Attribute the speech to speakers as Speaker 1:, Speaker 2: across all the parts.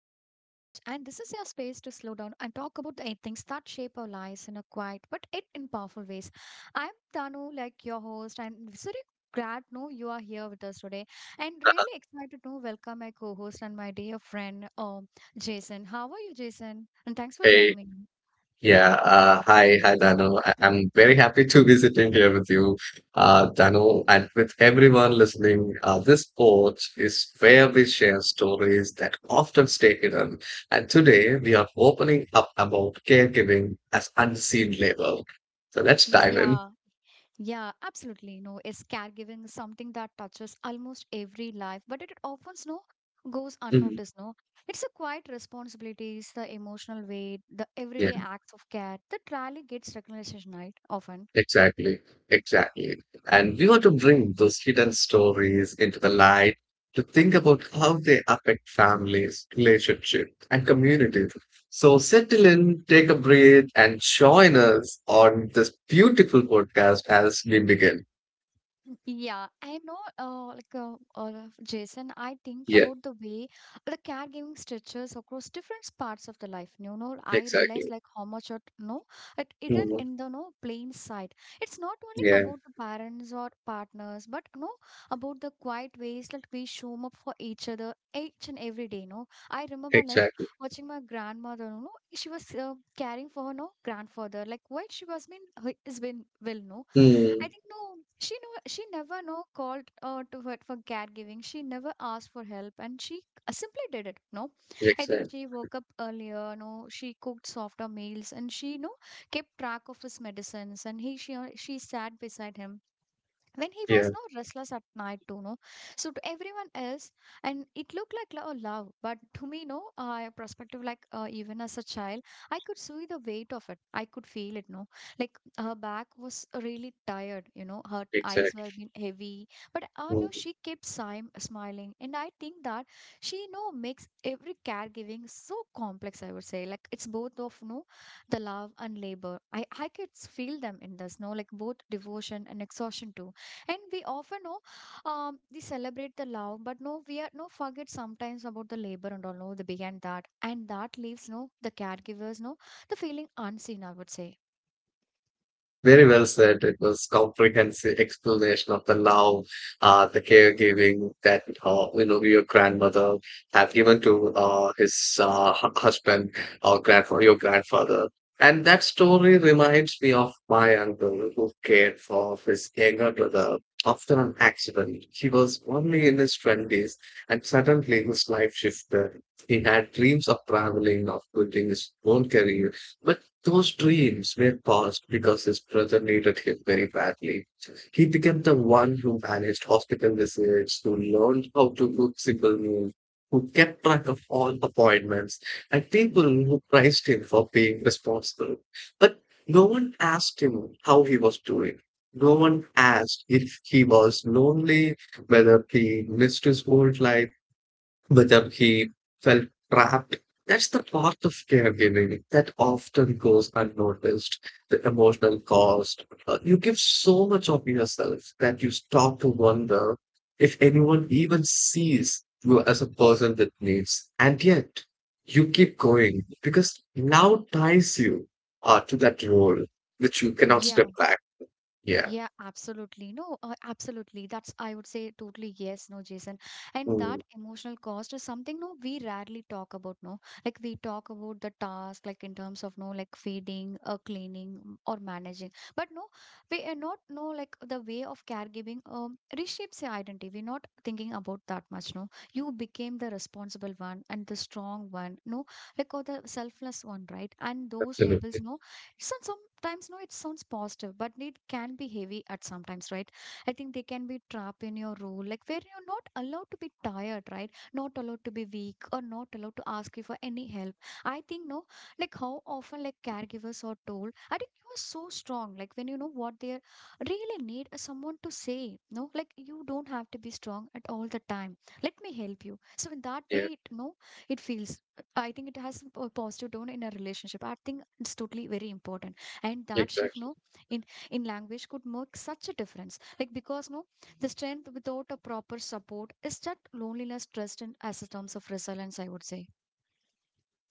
Speaker 1: and this is your space to slow down and talk about the things that shape our lives in a quiet but it in powerful ways. I'm Tanu, like your host, and very glad no you are here with us today, and really excited to welcome my co-host and my dear friend, Jason. How are you, Jason? And thanks for joining
Speaker 2: Hey,
Speaker 1: me.
Speaker 2: yeah, hi, Dano. I'm very happy to be sitting here with you, Dano, and with everyone listening. This porch is where we share stories that often stay hidden. And today we are opening up about caregiving as unseen labor. So let's dive in.
Speaker 1: Yeah. Yeah, absolutely. You know, is caregiving something that touches almost every life, but it often no goes
Speaker 2: Mhm.
Speaker 1: unnoticed. No, it's a quiet responsibilities, the emotional weight, the everyday acts of care that rarely gets recognition right often.
Speaker 2: Exactly, exactly. And we want to bring those hidden stories into the light to think about how they affect families, relationships, and communities. So settle in, take a breath, and join us on this beautiful podcast as we begin.
Speaker 1: Yeah, I know. Like Jason, I think
Speaker 2: Yeah,
Speaker 1: about the way the caregiving stretches across different parts of the life. You know, I
Speaker 2: exactly.
Speaker 1: realize like how much it no, it isn't
Speaker 2: Mhm.
Speaker 1: in the no plain sight. It's not only
Speaker 2: Yeah,
Speaker 1: about the parents or partners, but no about the quiet ways that we show up for each other each and every day. No, I remember like
Speaker 2: exactly.
Speaker 1: watching my grandmother. You know, she was caring for her no grandfather. Like while she was been has been well, no.
Speaker 2: Mm,
Speaker 1: I think no, she know she never no called to her for caregiving. She never asked for help, and she simply did it. No, I think
Speaker 2: exactly.
Speaker 1: she woke up earlier. No, she cooked softer meals, and she no kept track of his medicines. And he she sat beside him when he
Speaker 2: Yeah,
Speaker 1: was not restless at night too, no, so to everyone else, and it looked like love, but to me, no, perspective, like even as a child, I could see the weight of it. I could feel it, no, like her back was really tired, her eyes were
Speaker 2: exactly.
Speaker 1: being heavy, but no,
Speaker 2: Mm-hmm.
Speaker 1: she kept smiling, and I think that she, no, makes every caregiving so complex, I would say, like it's both of no the love and labor. I could feel them in this, no, like both devotion and exhaustion too. And we often know, we celebrate the love, but no, we are no forget sometimes about the labor and all no the began that, and that leaves no the caregivers no the feeling unseen, I would say.
Speaker 2: Very well said. It was comprehensive explanation of the love, the caregiving that you know your grandmother have given to his husband or grandfather, your grandfather. And that story reminds me of my uncle who cared for his younger brother after an accident. He was only in his twenties, and suddenly his life shifted. He had dreams of traveling, of building his own career, those dreams were paused because his brother needed him very badly. He became the one who managed hospital visits, who learned how to cook simple meals, who kept track of all appointments, and people who praised him for being responsible. But no one asked him how he was doing. No one asked if he was lonely, whether he missed his old life, but he felt trapped. That's the part of caregiving that often goes unnoticed, the emotional cost. You give so much of yourself that you stop to wonder if anyone even sees you as a person with needs. And yet, you keep going because now ties you to that role,
Speaker 1: Y-
Speaker 2: which you cannot
Speaker 1: yeah.
Speaker 2: step back. Yeah.
Speaker 1: Yeah, absolutely. No, absolutely. That's, I would say, totally yes, no, Jason. And
Speaker 2: Mm,
Speaker 1: that emotional cost is something, no, we rarely talk about, no. Like, we talk about the task, like, in terms of, no, like, feeding or cleaning, or managing. But no, we are not, no, like, the way of caregiving reshapes your identity. We're not thinking about that much, no. You became the responsible one and the strong one, no, like, or the selfless one, right? And those labels,
Speaker 2: absolutely.
Speaker 1: no, it sounds sometimes, no, it sounds positive, but it can be heavy at sometimes, right? I think they can be trapped in your role, like where you're not allowed to be tired, right? Not allowed to be weak or not allowed to ask you for any help. I think no, like how often like caregivers are told, I think you are so strong. Like when you know what they are really need, someone to say, no, like you don't have to be strong at all the time. Let me help you. So in that way,
Speaker 2: Yeah,
Speaker 1: it, no, it feels. I think it has a positive tone in a relationship. I think it's totally very important. And that shift,
Speaker 2: exactly.
Speaker 1: no, in in language could make such a difference. Like because no, the strength without a proper support is just loneliness, trust, and as a terms of resilience, I would say.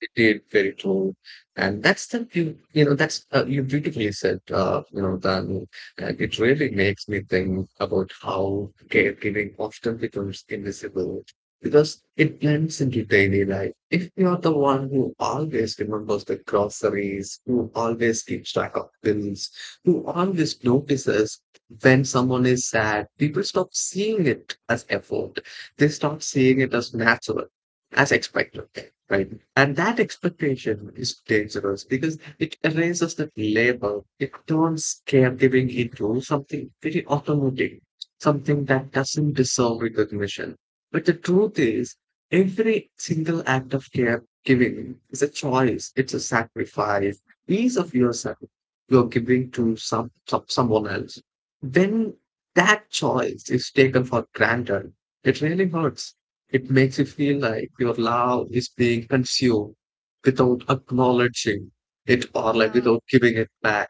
Speaker 2: It did very true, and that's the you you know that's you beautifully said, you know, Dan. And it really makes me think about how caregiving often becomes invisible because it blends into daily life. If you're the one who always remembers the groceries, who always keeps track of bills, who always notices when someone is sad, people stop seeing it as effort. They stop seeing it as natural, as expected, right? And that expectation is dangerous because it erases that labor. It turns caregiving into something very automatic, something that doesn't deserve recognition. But the truth is, every single act of caregiving is a choice. It's a sacrifice, piece of yourself you're giving to someone else. When that choice is taken for granted, it really hurts, it makes you feel like your love is being consumed without acknowledging it, or like
Speaker 1: Yeah.
Speaker 2: without giving it back.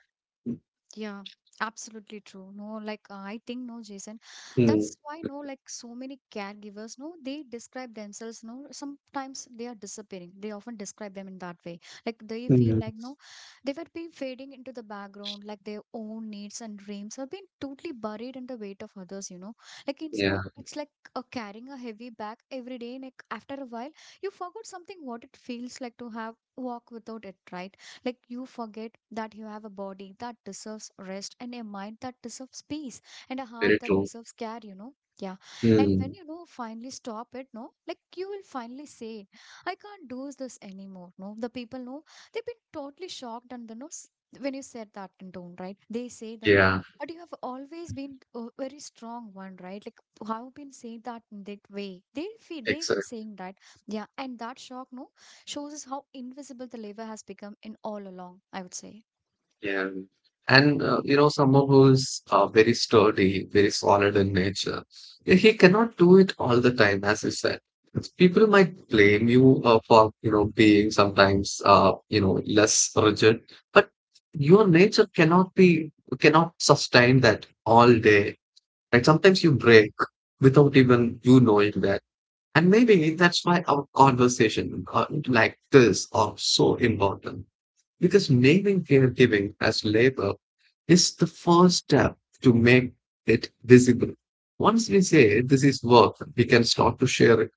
Speaker 1: Yeah, absolutely true. No, like I think no, Jason.
Speaker 2: Mm,
Speaker 1: That's why no, like so many caregivers, no, they describe themselves, no, sometimes they are disappearing. They often describe them in that way. Like they feel
Speaker 2: mm,
Speaker 1: like no, they were being fading into the background, like their own needs and dreams have been totally buried in the weight of others, you know. Like it's
Speaker 2: yeah,
Speaker 1: no, it's like carrying a heavy bag every day. Like after a while, you forgot something what it feels like to have walk without it, right? Like you forget that you have a body that deserves rest and a mind that deserves peace and a
Speaker 2: very
Speaker 1: heart that
Speaker 2: true.
Speaker 1: deserves care, you know. Yeah. And when
Speaker 2: Mm,
Speaker 1: you know finally stop it, no, like you will finally say, I can't do this anymore. No, the people know they've been totally shocked, and the no when you said that in tone, right? They say, no, no,
Speaker 2: yeah,
Speaker 1: but you have always been a very strong one, right? Like how been saying that in that way. They feel they will
Speaker 2: exactly.
Speaker 1: saying that, yeah, and that shock, no, shows us how invisible the labor has become in all along, I would say.
Speaker 2: Yeah. And, you know, someone who's very sturdy, very solid in nature, he cannot do it all the time, as you said. People might blame you for, you know, being sometimes, you know, less rigid, but your nature cannot be, cannot sustain that all day. And sometimes you break without even you knowing that. And maybe that's why our conversation like this are so important because naming caregiving as labor is the first step to make it visible. Once we say this is work, we can start to share it.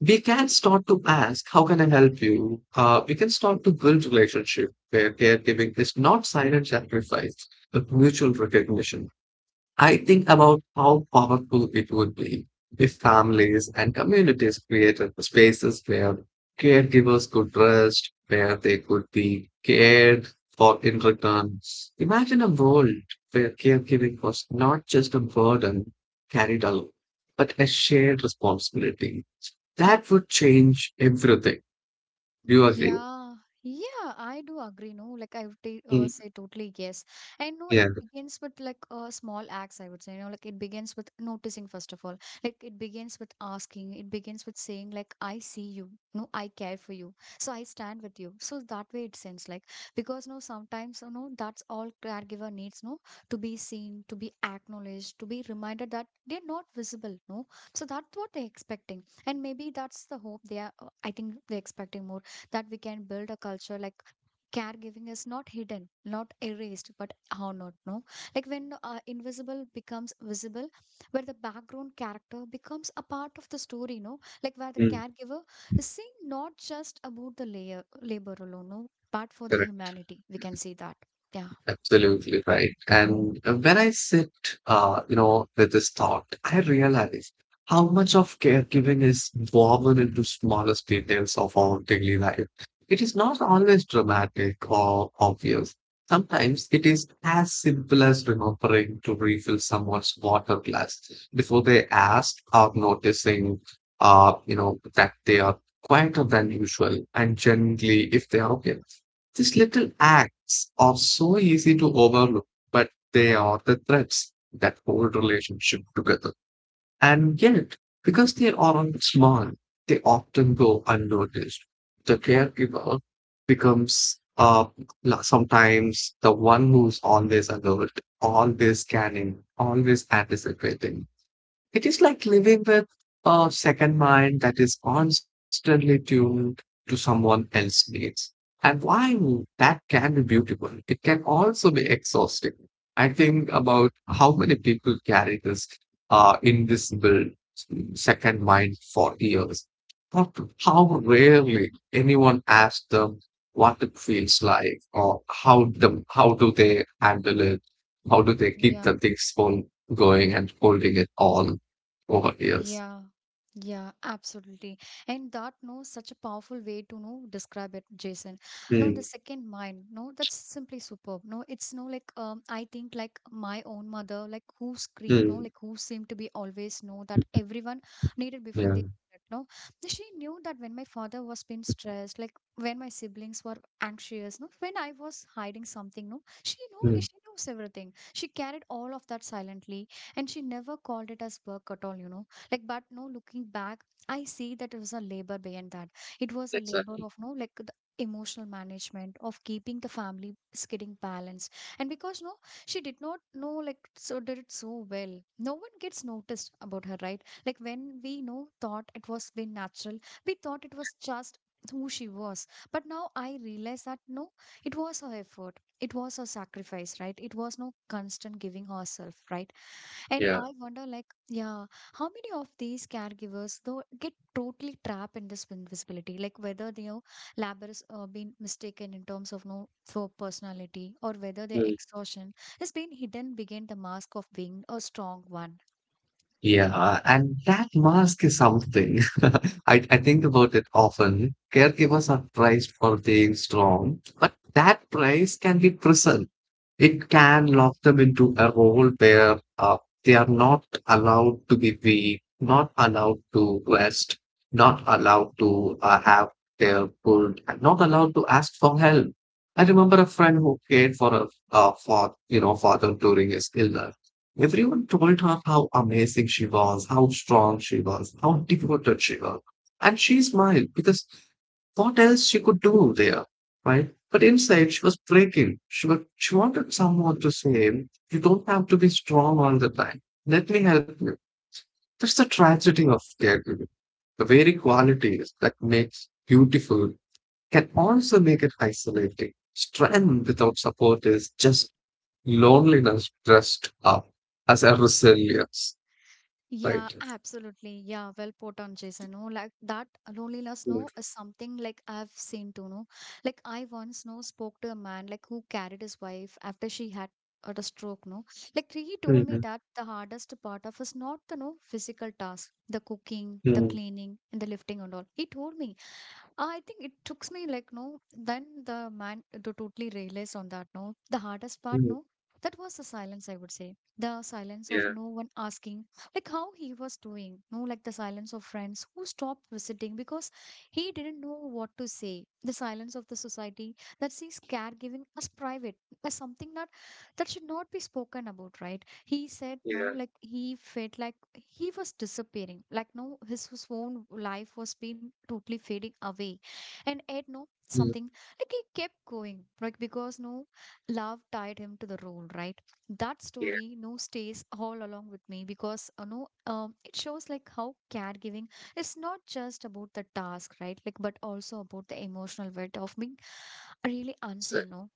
Speaker 2: We can start to ask, how can I help you? We can start to build relationship where caregiving is not silent sacrifice, but mutual recognition. I think about how powerful it would be if families and communities created spaces where caregivers could rest, where they could be cared for in return. Imagine a world where caregiving was not just a burden carried alone, but a shared responsibility. That would change everything. Do you agree?
Speaker 1: Yeah, yeah, I do agree. No, like I would
Speaker 2: Mm,
Speaker 1: say totally yes. And no, it
Speaker 2: yeah.
Speaker 1: begins with like small acts, I would say. You know, like it begins with noticing, first of all. Like it begins with asking, it begins with saying, like, I see you. No, I care for you. So I stand with you. So that way it seems like because no, sometimes, you know, that's all caregiver needs, no, to be seen, to be acknowledged, to be reminded that they're not visible, no. So that's what they're expecting. And maybe that's the hope they are, I think they're expecting more that we can build a culture like caregiving is not hidden, not erased, but honored, no, like when invisible becomes visible, where the background character becomes a part of the story, no, like where the
Speaker 2: Mm,
Speaker 1: caregiver is seen, not just about the layer labor alone, no, but for their
Speaker 2: correct.
Speaker 1: humanity we can see that, yeah.
Speaker 2: Absolutely right. And when I sit, you know, with this thought, I realize how much of caregiving is woven into smallest details of our daily life. It is not always dramatic or obvious. Sometimes it is as simple as remembering to refill someone's water glass before they ask or noticing, you know, that they are quieter than usual and generally if they are okay. These little acts are so easy to overlook, but they are the threads that hold relationship together. And yet, because they aren't small, they often go unnoticed. The caregiver becomes sometimes the one who's always alert, always scanning, always anticipating. It is like living with a second mind that is constantly tuned to someone else's needs. And while that can be beautiful, it can also be exhausting. I think about how many people carry this invisible second mind for years. But how rarely anyone asks them what it feels like, or how do they handle it? How do they keep
Speaker 1: Yeah.
Speaker 2: the things from going and holding it on over years?
Speaker 1: Yeah, yeah, absolutely. And that no such a powerful way to know describe it, Jason. No, the
Speaker 2: Mm,
Speaker 1: second mind, no, that's simply superb. No, it's no like I think like my own mother, like who screamed, no,
Speaker 2: mm,
Speaker 1: like who seemed to be always know that everyone needed before
Speaker 2: Yeah.
Speaker 1: they needed, no, she knew that when my father was being stressed, like when my siblings were anxious, no, when I was hiding something, no, she knew.
Speaker 2: mm.
Speaker 1: She knows everything. She carried all of that silently, and she never called it as work at all, you know, like but no looking back, I see that it was a labor beyond that. It was a labor
Speaker 2: Exactly.
Speaker 1: of no like the emotional management of keeping the family is getting balanced, and because no she did not know like so did it so well, no one gets noticed about her, right? Like when we no thought it was been natural, we thought it was just who she was, but now I realize that no, it was her effort, it was her sacrifice, right? It was no constant giving herself, right? And
Speaker 2: Yeah.
Speaker 1: I wonder, like, yeah, how many of these caregivers though get totally trapped in this invisibility? Like, whether they know labor is being mistaken in terms of no for personality, or whether their exhaustion has been hidden behind the mask of being a strong one.
Speaker 2: Yeah, and that mask is something. I think about it often. Caregivers are praised for being strong, but that praise can be prison. It can lock them into a role where they are not allowed to be weak, not allowed to rest, not allowed to have their good, and not allowed to ask for help. I remember a friend who cared for a for you know father during his illness. Everyone told her how amazing she was, how strong she was, how devoted she was. And she smiled because what else she could do there, right? But inside she was breaking. She wanted someone to say, you don't have to be strong all the time. Let me help you. That's the tragedy of caregiving. The very qualities that makes beautiful can also make it isolating. Strength without support is just loneliness dressed up as a resilience,
Speaker 1: Yeah,
Speaker 2: right?
Speaker 1: absolutely. Yeah, well put on Jason. No, like that loneliness,
Speaker 2: Mm,
Speaker 1: no, is something like I've seen too. No, like I once, no, spoke to a man like who carried his wife after she had had a stroke. No, like he told me
Speaker 2: mm,
Speaker 1: that the hardest part of is not the no physical task, the cooking, the
Speaker 2: mm,
Speaker 1: cleaning, and the lifting and all. He told me I think it took me like no. Then the man to totally realize on that, no. The hardest part,
Speaker 2: mm.
Speaker 1: no. That was the silence, I would say. The silence of
Speaker 2: Yeah,
Speaker 1: no one asking, like how he was doing. No, like the silence of friends who stopped visiting because he didn't know what to say. The silence of the society that sees caregiving as private, as something that should not be spoken about, right? He said no
Speaker 2: yeah,
Speaker 1: like he felt like he was disappearing, like no, his own life was being totally fading away, and ed no
Speaker 2: mm,
Speaker 1: something, like he kept going like because no love tied him to the role, right? That
Speaker 2: yeah.
Speaker 1: story no stays all along with me because you know, it shows like how caregiving is not just about the task, right, like but also about the emotional weight of being really
Speaker 2: So
Speaker 1: unseen, no.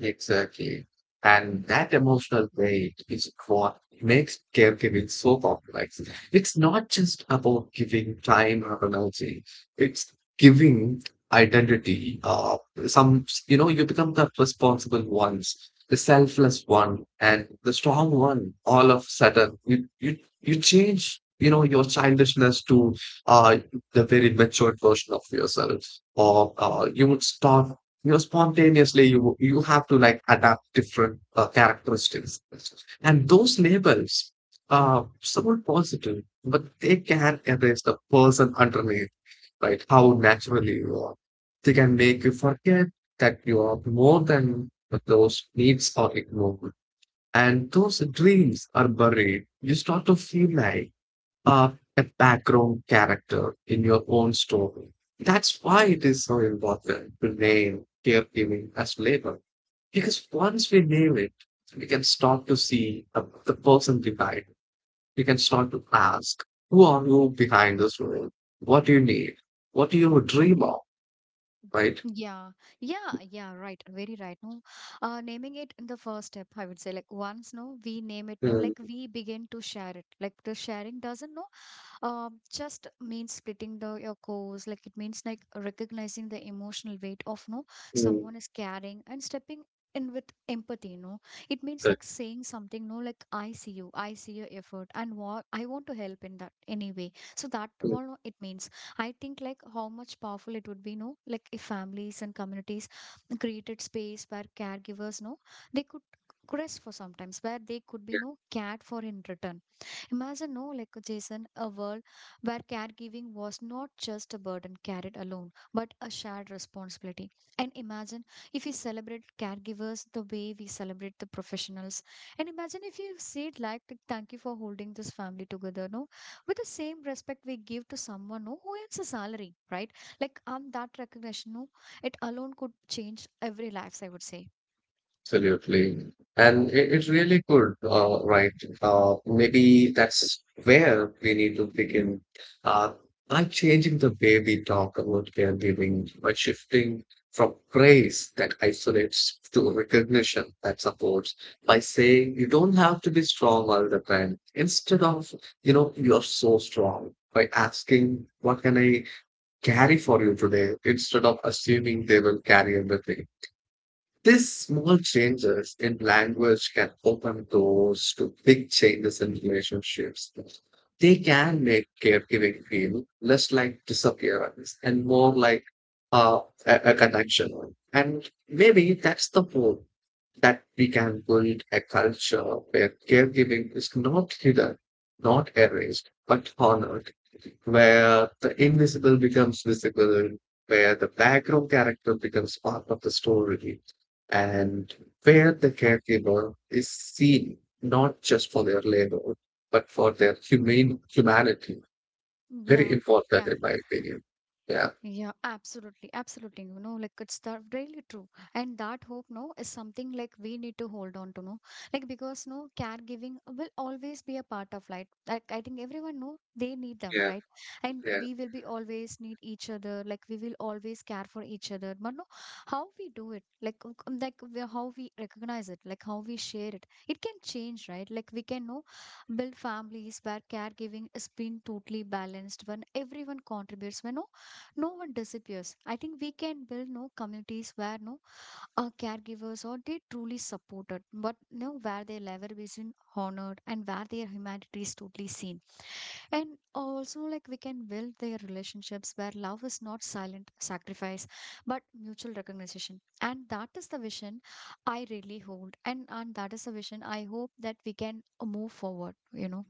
Speaker 2: Exactly. And that emotional weight is what makes caregiving so complex. It's not just about giving time or energy, it's giving identity. You know, you become the responsible ones, the selfless one, and the strong one. All of a sudden, you change, you know, your childishness to uh, the very matured version of yourself. Or you would start, you know, spontaneously, you have to like adapt different characteristics, and those labels are somewhat positive, but they can erase the person underneath, right? How naturally you are, they can make you forget that you are more than those needs are ignored, and those dreams are buried. You start to feel like are a background character in your own story. That's why it is so important to name caregiving as labor. Because once we name it, we can start to see the person behind. We can start to ask, who are you behind this role? What do you need? What do you dream of? Right?
Speaker 1: Yeah, yeah, yeah, right. Very right. No, naming it in the first step, I would say, like once no, we name it, no,
Speaker 2: Mm,
Speaker 1: like we begin to share it. Like the sharing doesn't no. Just means splitting the your course, like it means like recognizing the emotional weight of no
Speaker 2: mm,
Speaker 1: someone is carrying and stepping in with empathy. You know, it means
Speaker 2: good,
Speaker 1: like saying something. No, like I see you, I see your effort, and what I want to help in that anyway. So that
Speaker 2: mm.
Speaker 1: all no, it means. I think like how much powerful it would be. No, like if families and communities created space where caregivers, no, they could rest for sometimes where they could be no cared for in return. Imagine, no, like Jason, a world where caregiving was not just a burden carried alone, but a shared responsibility. And imagine if we celebrate caregivers the way we celebrate the professionals. And imagine if you say it like, thank you for holding this family together, no, with the same respect we give to someone, no, who earns a salary, right? Like, that recognition, no, it alone could change every lives, I would say.
Speaker 2: Absolutely. And it really could, right? Maybe that's where we need to begin. Uh, by changing the way we talk about caregiving, by shifting from praise that isolates to recognition that supports, by saying you don't have to be strong all the time, instead of, you know, you're so strong, by asking, what can I carry for you today, instead of assuming they will carry everything. These small changes in language can open doors to big changes in relationships. They can make caregiving feel less like disappearance and more like uh, a connection. And maybe that's the hope that we can build a culture where caregiving is not hidden, not erased, but honored, where the invisible becomes visible, where the background character becomes part of the story, and where the caregiver is seen not just for their labor but for their humane humanity. Very
Speaker 1: Yeah.
Speaker 2: important
Speaker 1: Yeah.
Speaker 2: in my opinion. Yeah.
Speaker 1: Yeah, absolutely, absolutely. You know, like it's that really true. And that hope, no, is something like we need to hold on to, no, like because no caregiving will always be a part of life. Like I think everyone know they need them,
Speaker 2: Yeah,
Speaker 1: right? And
Speaker 2: yeah.
Speaker 1: we will be always need each other. Like we will always care for each other. But no, how we do it, like we- how we recognize it, like how we share it, it can change, right? Like we can know build families where caregiving is being totally balanced when everyone contributes. When no no one disappears. I think we can build no communities where no caregivers or they truly supported, but no where their labor is in honored and where their humanity is totally seen. And also like we can build their relationships where love is not silent sacrifice, but mutual recognition. And that is the vision I really hold, and that is the vision I hope that we can move forward. You know.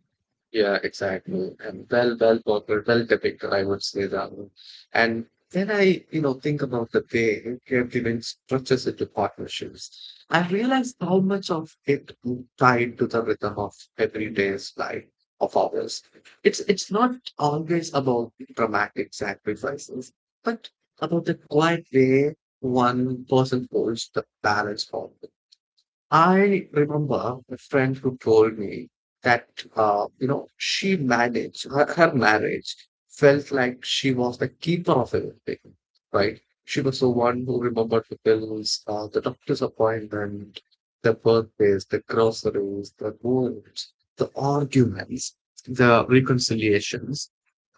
Speaker 2: yeah, exactly. And well, popular, well depicted, I would say, Rahul. And then I, you know, think about the way we have given structures into partnerships. I realize how much of it tied to the rhythm of everyday's life of others. It's not always about dramatic sacrifices, but about the quiet way one person holds the balance forward. I remember a friend who told me that, you know, her marriage felt like she was the keeper of everything, right? She was the one who remembered the bills, the doctor's appointment, the birthdays, the groceries, the goals, the arguments, the reconciliations.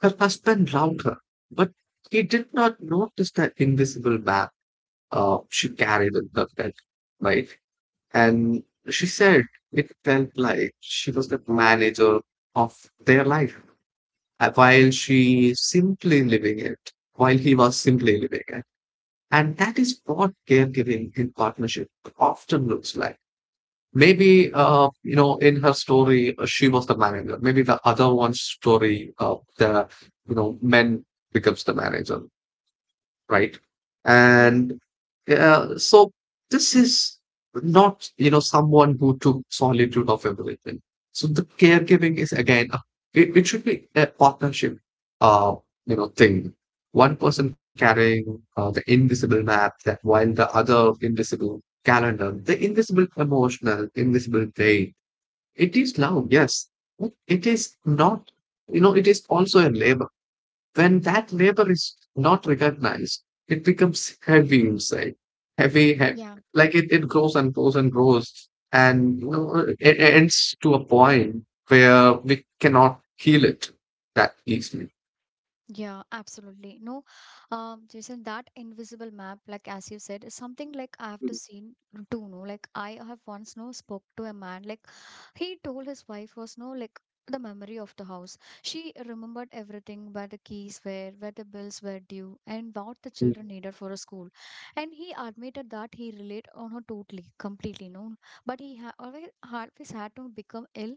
Speaker 2: Her husband loved her, but he did not notice that invisible map she carried in her head, right? And she said it felt like she was the manager of their life, uh, while she simply living it, while he was simply living it. And that is what caregiving in partnership often looks like. Maybe, you know, in her story, she was the manager. Maybe the other one's story, you know, men becomes the manager, right?
Speaker 1: Yeah.
Speaker 2: And so this is not, someone who took solitude of everything. So the caregiving is again, it should be a partnership, uh, thing. One person carrying the invisible map, that while the other invisible calendar, the invisible emotional, invisible pain. It is love, yes, but it is not, it is also a labor when that labor is not recognized, it becomes heavy inside, heavy, heavy.
Speaker 1: Yeah.
Speaker 2: Like it grows and grows and grows, and it ends to a point where we cannot heal it that easily.
Speaker 1: Yeah, absolutely. No, Jason, that invisible map, like as you said, is something like I have to seen too. No, like I have once no spoke to a man. Like he told his wife was no like the memory of the house. She remembered everything where the keys were, where the bills were due, and what the
Speaker 2: Mm,
Speaker 1: children needed for a school. And he admitted that he relied on her totally, completely. No, but he ha always, always had to become ill.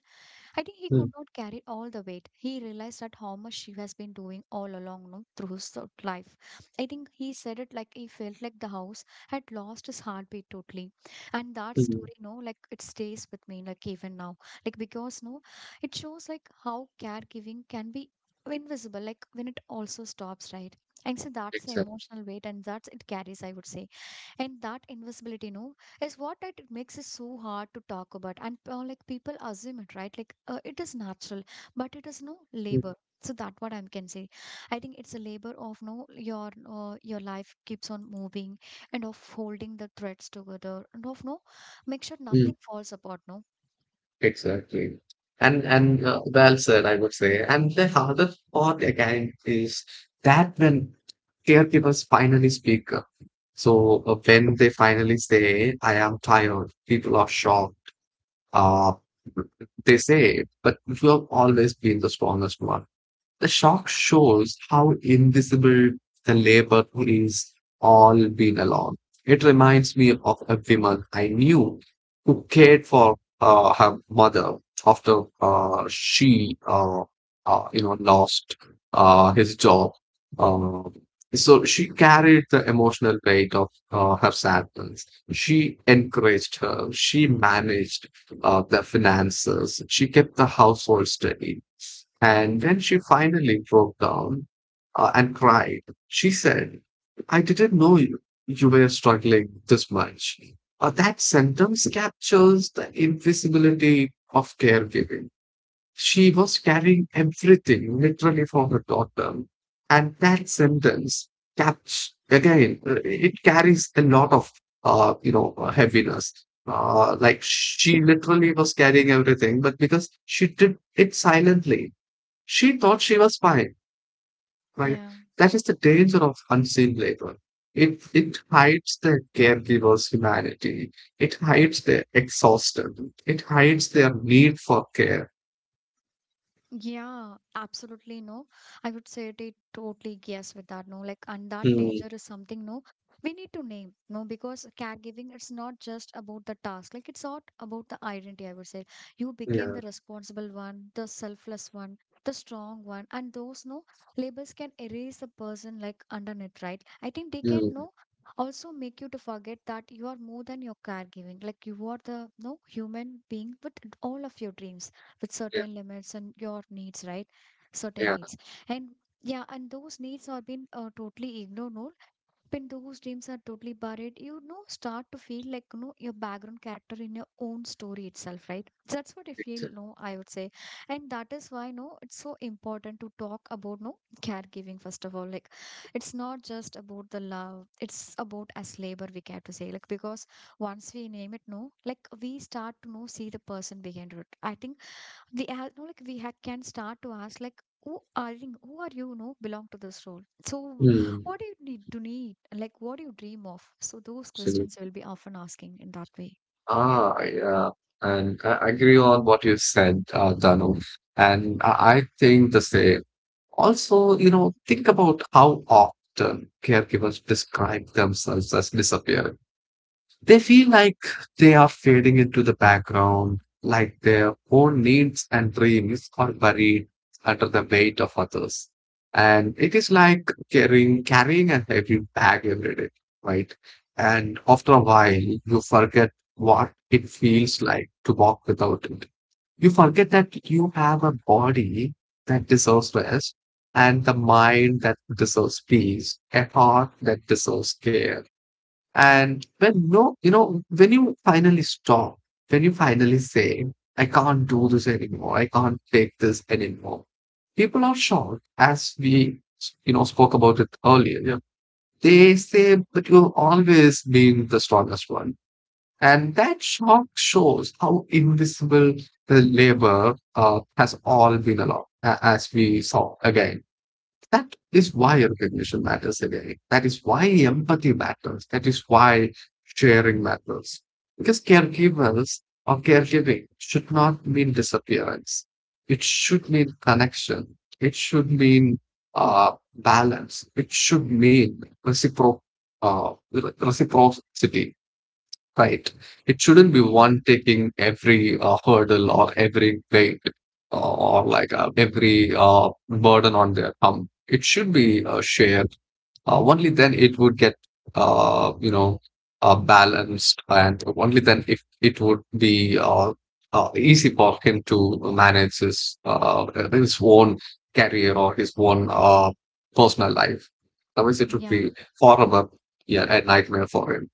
Speaker 1: I think he could
Speaker 2: mm,
Speaker 1: not carry all the weight. He realized that how much she has been doing all along no, through his life. I think he said it like he felt like the house had lost his heartbeat totally. And that
Speaker 2: mm,
Speaker 1: story, no, like it stays with me, like even now. Like because no, it shows like how caregiving can be invisible, like when it also stops, right? And so that's the
Speaker 2: Exactly.
Speaker 1: emotional weight and that's it carries, I would say. And that invisibility, no is what it makes it so hard to talk about and like people assume it right like it is natural but it is no labor so that what I can say. I think it's a labor of no your your life keeps on moving and of holding the threads together and of no make sure nothing falls apart no.
Speaker 2: Exactly. And well said, I would say. And the other part again is that when caregivers finally speak up. So when they finally say, "I am tired," people are shocked. Uh, they say, "But you have always been the strongest one." The shock shows how invisible the labor is all been along. It reminds me of a woman I knew who cared for her mother after lost his job. Uh, so she carried the emotional weight of her sadness. She encouraged her. She managed the finances. She kept the household steady and when she finally broke down and cried, she said, I didn't know you, you were struggling this much. That sentence captures the invisibility of caregiving. She was carrying everything literally for her daughter. And that sentence caps again, it carries a lot of, heaviness. Like she literally was carrying everything, but because she did it silently, she thought she was fine, right?
Speaker 1: Yeah.
Speaker 2: That is the danger of unseen labor. It hides the caregiver's humanity. It hides their exhaustion. It hides their need for care.
Speaker 1: Yeah, absolutely no. I would say it totally yes with that no. Like, and that
Speaker 2: Mm,
Speaker 1: danger is something no. We need to name no because caregiving it's not just about the task. Like, it's not about the identity. I would say you became
Speaker 2: yeah,
Speaker 1: the responsible one, the selfless one, the strong one, and those no labels can erase a person like underneath, right? I think they can
Speaker 2: mm,
Speaker 1: no also make you to forget that you are more than your caregiving. Like you are the no human being with all of your dreams with
Speaker 2: yeah,
Speaker 1: certain limits and your needs, right? Certain
Speaker 2: yeah.
Speaker 1: needs. And yeah, and those needs are being totally ignored. No? When those dreams are totally buried, you know, start to feel like, you know, your background character in your own story itself, right? That's what I feel,
Speaker 2: exa-
Speaker 1: no, I would say. And that is why, no, it's so important to talk about, no, caregiving, first of all. Like, it's not just about the love, it's about as labor, we care to say. Like, because once we name it no like we start to know see the person behind it. I think the ad, no, like the hack can start to ask like who are you, who are you no belong to this role, so
Speaker 2: Mm,
Speaker 1: what do you need to need, like what do you dream of, so those
Speaker 2: so-
Speaker 1: questions will be often asking in that way.
Speaker 2: yeah. And I agree on what you said, Danu. And I think the same. Also, think about how often caregivers describe themselves as disappearing. They feel like they are fading into the background, like their own needs and dreams are buried under the weight of others. And it is like carrying a heavy bag every day, right? And after a while, you forget what it feels like to walk without it. You forget that you have a body that deserves rest, and the mind that deserves peace, a heart that deserves care and when no, when you finally stop, when you finally say, I can't do this anymore, I can't take this anymore, people are shocked, as we, spoke about it earlier. Yeah. They say, but you've always been the strongest one. And that shock shows how invisible the labor has all been along, as we saw again. That is why recognition matters again. That is why empathy matters. That is why sharing matters. Because caregivers or caregiving should not mean disappearance. It should mean connection. It should mean balance. It should mean reciprocity. Right. It shouldn't be
Speaker 1: Yeah.
Speaker 2: one taking every hurdle or every weight or, like every burden on their thumb. It should be shared only then it would get, uh, you know, balanced, and only then if it would be easy for him to manage his own career or his own personal life. Otherwise, it would
Speaker 1: Yeah.
Speaker 2: be forever, yeah, a nightmare for him.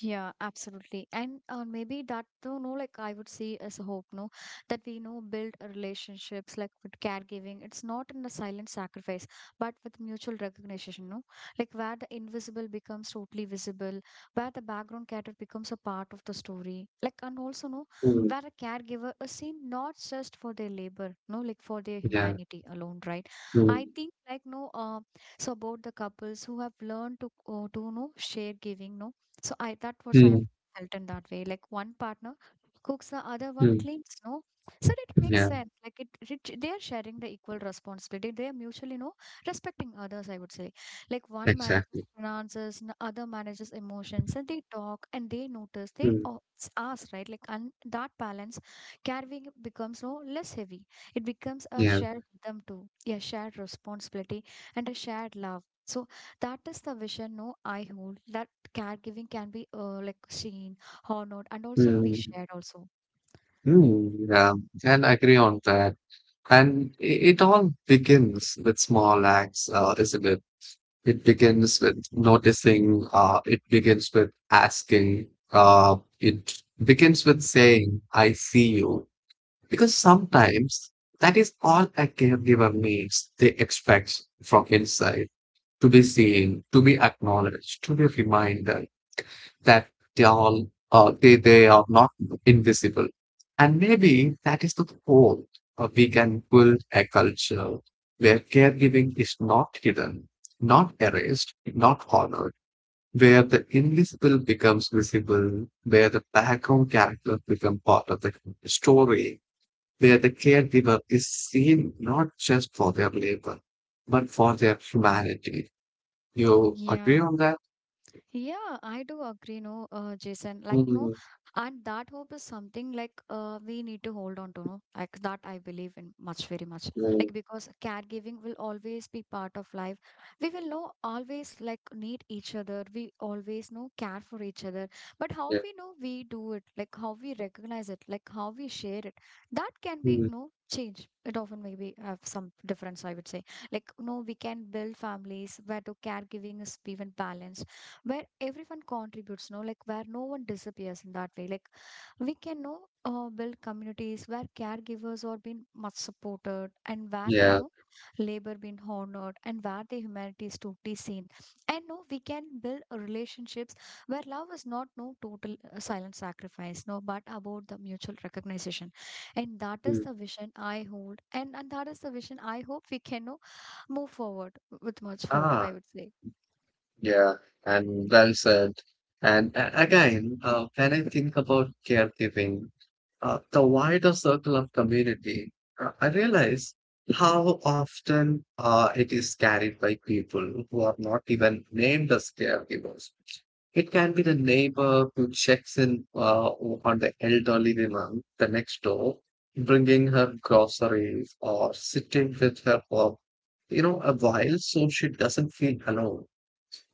Speaker 1: Yeah, absolutely. And maybe that, though, no, like I would see as a hope, no, that we know build a relationships like with caregiving. It's not in a silent sacrifice, but with mutual recognition, no, like where the invisible becomes totally visible, where the background character becomes a part of the story, like, and also, no,
Speaker 2: Mm.
Speaker 1: where a caregiver is seen not just for their labor, no, like for their
Speaker 2: Yeah.
Speaker 1: humanity alone, right?
Speaker 2: Mm,
Speaker 1: I think, like, no, so about the couples who have learned to no, share giving, no, so I that was I have
Speaker 2: mm,
Speaker 1: felt in that way. Like one partner cooks, the other one
Speaker 2: mm.
Speaker 1: cleans. No, so it makes
Speaker 2: Yeah,
Speaker 1: sense. Like it they are sharing the equal responsibility. They are mutually, no, respecting others. I would say, like one manages
Speaker 2: exactly.
Speaker 1: finances, and the other manages emotions, and they talk and they notice. They
Speaker 2: Mm,
Speaker 1: o- s- ask, right? Like and that balance carrying becomes no less heavy. It becomes a
Speaker 2: yeah.
Speaker 1: shared rhythm too, a shared responsibility and a shared love. So that is the vision no I hold. That caregiving can be like seen, honored, and also be
Speaker 2: Mm,
Speaker 1: shared also.
Speaker 2: yeah. And I agree on that. And it all begins with small acts, isn't it? It begins with noticing, it begins with asking, it begins with saying, I see you. Because sometimes that is all a caregiver needs. They expect from inside to be seen, to be acknowledged, to be reminded, that they all they are not invisible and maybe that is the whole we can build a culture where caregiving is not hidden, not erased, not honored, where the invisible becomes visible, where the background characters become part of the story, where the caregiver is seen not just for their labor but for their humanity. You
Speaker 1: Yeah.
Speaker 2: agree on that?
Speaker 1: Yeah, I do agree, no, Jason. Like, no,
Speaker 2: Mm,
Speaker 1: and that hope is something like we need to hold on to, no, like that I believe in much, very much.
Speaker 2: mm,
Speaker 1: Like, because caregiving will always be part of life. We will know always like need each other. We always know care for each other. But how
Speaker 2: yeah.
Speaker 1: we know we do it, like how we recognize it, like how we share it, that can be,
Speaker 2: Mm,
Speaker 1: no change. It often maybe have some difference, I would say. Like, no, we can build families where the caregiving is even balanced where everyone contributes no like where no one disappears in that way like we can know build communities where caregivers are being much supported and where they
Speaker 2: yeah
Speaker 1: know labor being honored and where the humanity is totally seen and no we can build a relationships where love is not no total silent sacrifice no but about the mutual recognition and that is
Speaker 2: Mm.
Speaker 1: the vision I hold and that is the vision I hope we can no move forward with much hope
Speaker 2: Ah,
Speaker 1: I would say.
Speaker 2: yeah, and well said. And again, when I think about caregiving, the wider circle of community, I realize how often it is carried by people who are not even named as caregivers. It can be the neighbor who checks in on the elderly woman the next door, bringing her groceries or sitting with her for, a while so she doesn't feel alone.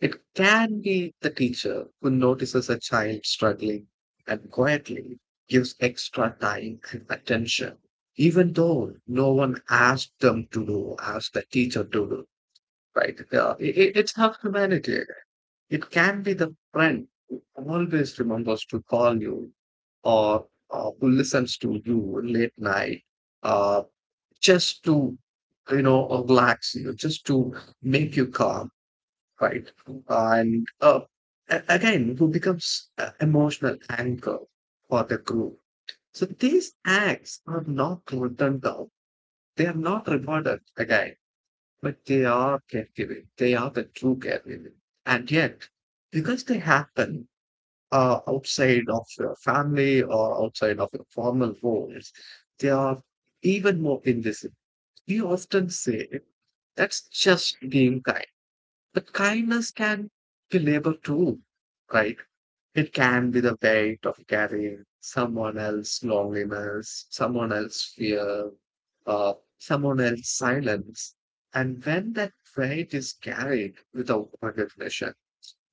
Speaker 2: It can be the teacher who notices a child struggling and quietly gives extra time and attention, even though no one asked them to do, asked the teacher to do, right? It's half humanity again. It can be the friend who always remembers to call you or who listens to you late night uh, just to, relax you, just to make you calm, right? And again, who becomes a emotional anchor for the group. So these acts are not written down. They are not rewarded again, but they are caregiving. They are the true caregiving. And yet, because they happen outside of your family or outside of your formal roles, they are even more invisible. We often say that's just being kind but kindness can be labor too, right? It can be the weight of carrying someone else's loneliness, someone else's fear, someone else's silence. And when that weight is carried without recognition,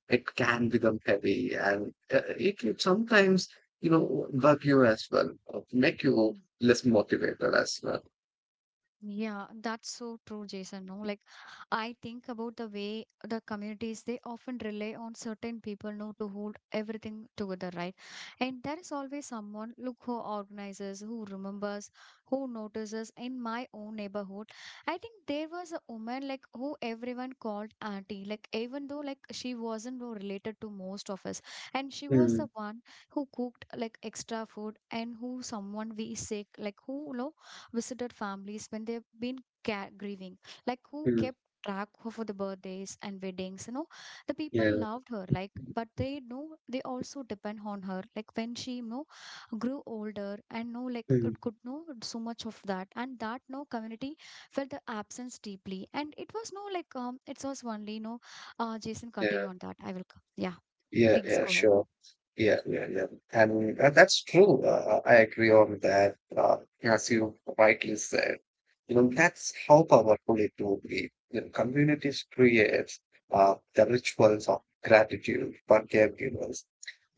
Speaker 2: it can become heavy and it can sometimes, bug you as well, or make you
Speaker 1: Mm.
Speaker 2: less motivated as well.
Speaker 1: Yeah, that's so true, Jason. No, like I think about the way the communities they often rely on certain people, no, to hold everything together, right? And there is always someone, look, who organizes, who remembers, who notices. In my own neighborhood, I think there was a woman like who everyone called auntie, like even though like she wasn't no related to most of us, and she was
Speaker 2: Mm,
Speaker 1: the one who cooked like extra food and who someone we sick, like who, no visited families when they've been ca- grieving like who
Speaker 2: mm,
Speaker 1: kept track of the birthdays and weddings, you know, the people
Speaker 2: yeah,
Speaker 1: loved her like but they know they also depend on her like when she you know grew older and know like
Speaker 2: mm,
Speaker 1: it could know so much of that and that no community felt the absence deeply and it was no like it was only no Jason continue
Speaker 2: yeah.
Speaker 1: on that I will come. Yeah,
Speaker 2: Yeah,
Speaker 1: please
Speaker 2: yeah,
Speaker 1: go ahead.
Speaker 2: sure. Yeah, yeah, yeah. And that's true. I agree on that. As you rightly said, that's how powerful it will be. You know, communities create the rituals of gratitude, forgiveness.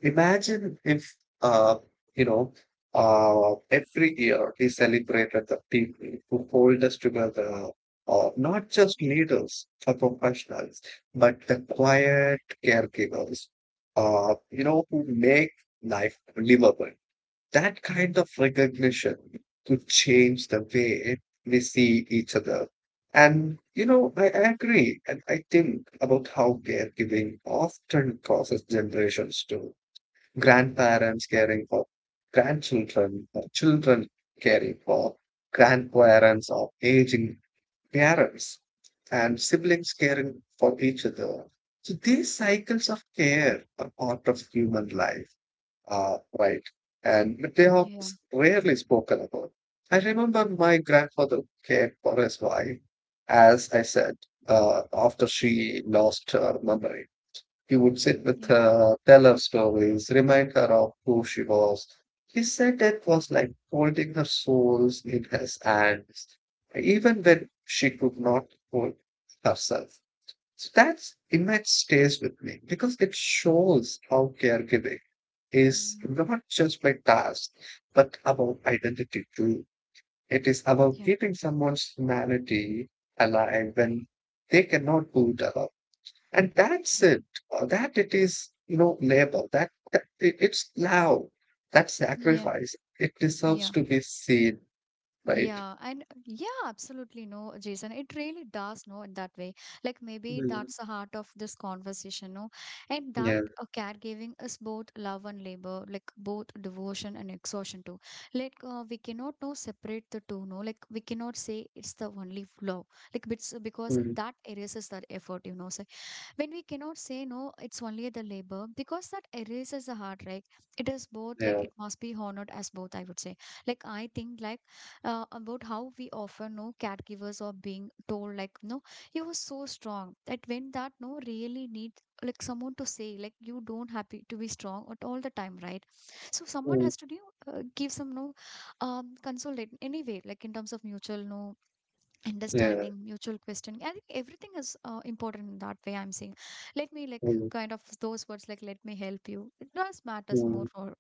Speaker 2: Imagine if, uh, you know, every year we celebrated the people who hold us together, or not just leaders or professionals, but the quiet caregivers, who make life livable. That kind of recognition could change the way we see each other. And, I agree. And I think about how caregiving often causes generations too, grandparents caring for grandchildren, or children caring for grandparents or aging parents, and siblings caring for each other. So these cycles of care are part of human life, right? And but they are
Speaker 1: Yeah.
Speaker 2: rarely spoken about. I remember my grandfather cared for his wife, as I said, after she lost her memory. He would sit
Speaker 1: Mm,
Speaker 2: with
Speaker 1: yeah.
Speaker 2: her, tell her stories, remind her of who she was. He said it was like holding her souls in his hands, even when she could not hold herself. So that image stays with me because it shows how caregiving is
Speaker 1: Yeah.
Speaker 2: not just by task, but about identity too. It is about keeping someone's humanity alive when they cannot do it alone. And that's
Speaker 1: Yeah.
Speaker 2: it. That it is, labor. It's love. That
Speaker 1: Yeah.
Speaker 2: sacrifice. It deserves
Speaker 1: Yeah.
Speaker 2: to be seen, right?
Speaker 1: Yeah, and yeah, absolutely no, Jason. It really does no in that way. Like maybe
Speaker 2: Mm,
Speaker 1: that's the heart of this conversation, no? And that
Speaker 2: yeah.
Speaker 1: caregiving is both love and labor, like both devotion and exhaustion too. Like we cannot no separate the two, no? Like we cannot say it's the only love, like it's because
Speaker 2: Mm,
Speaker 1: that erases that effort, you know. So when we cannot say no it's only the labor because that erases the heart, right. It is both like
Speaker 2: yeah.
Speaker 1: it must be honored as both I would say. Like I think like about how we often know caregivers are being told like no you are so strong that when that no really need like someone to say like you don't happy to be strong at all the time, right? So someone
Speaker 2: Mm,
Speaker 1: has to do give some no consolate anyway like in terms of mutual no
Speaker 2: yeah.
Speaker 1: understanding mutual questioning. I think everything is important in that way I'm saying. Let me like
Speaker 2: Mm,
Speaker 1: kind of those words like let me help you, it does matters
Speaker 2: mm,
Speaker 1: more or-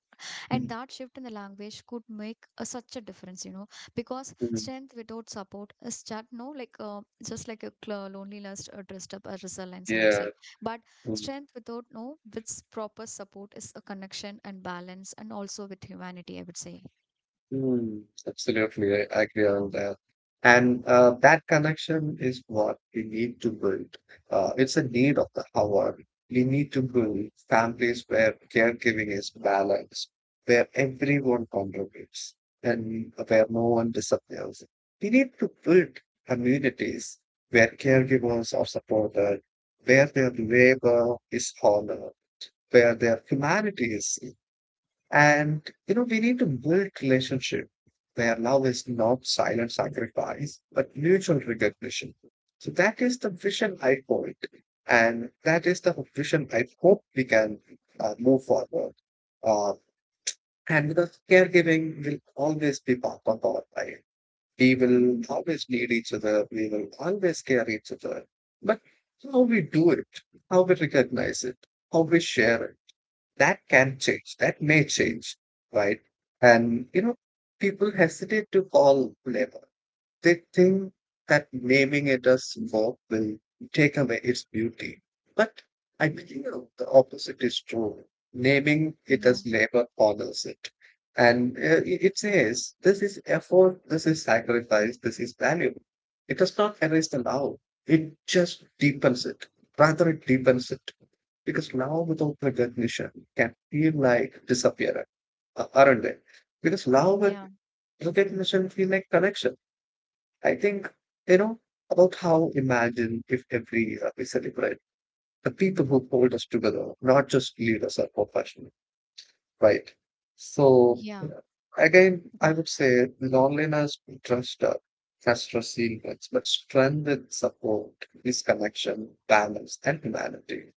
Speaker 1: and
Speaker 2: mm,
Speaker 1: that shift in the language could make a, such a difference you know. Because
Speaker 2: mm,
Speaker 1: strength without support is just no like just like a loneliness dressed up as resilience, I would
Speaker 2: yeah.
Speaker 1: say. But
Speaker 2: Mm-hmm.
Speaker 1: strength without no with proper support is a connection and balance and also with humanity, I would say.
Speaker 2: Mm, absolutely, I agree on that. And that connection is what we need to build. It's a need of the hour. We need to build families where caregiving is balanced, where everyone contributes, and where no one disappears. We need to build communities where caregivers are supported, where their labor is honored, where their humanity is, and we need to build relationship where love is not silent sacrifice, but mutual recognition. So that is the vision I hold, and that is the vision I hope we can move forward. Uh, and the caregiving will always be part of our life. We will always need each other. We will always care each other. But how we do it, how we recognize it, how we share it, that can change, that may change, right? And people hesitate to call labor. They think that naming it as work will take away its beauty, but I believe the opposite is true. Naming it
Speaker 1: Yeah,
Speaker 2: as labor honors it, and it says this is effort, this is sacrifice, this is value. It does not erase the love, it just deepens it, rather it deepens it, because love without recognition can feel like disappearance, aren't they? Because love with
Speaker 1: yeah,
Speaker 2: recognition feel like connection. I think, you know, about how imagine if every year we celebrate the people who hold us together, not just leaders or professionals, right? So,
Speaker 1: yeah,
Speaker 2: yeah, again, I
Speaker 1: yeah.
Speaker 2: would say loneliness, trust, has resilience, but strength and support is connection, balance, and humanity.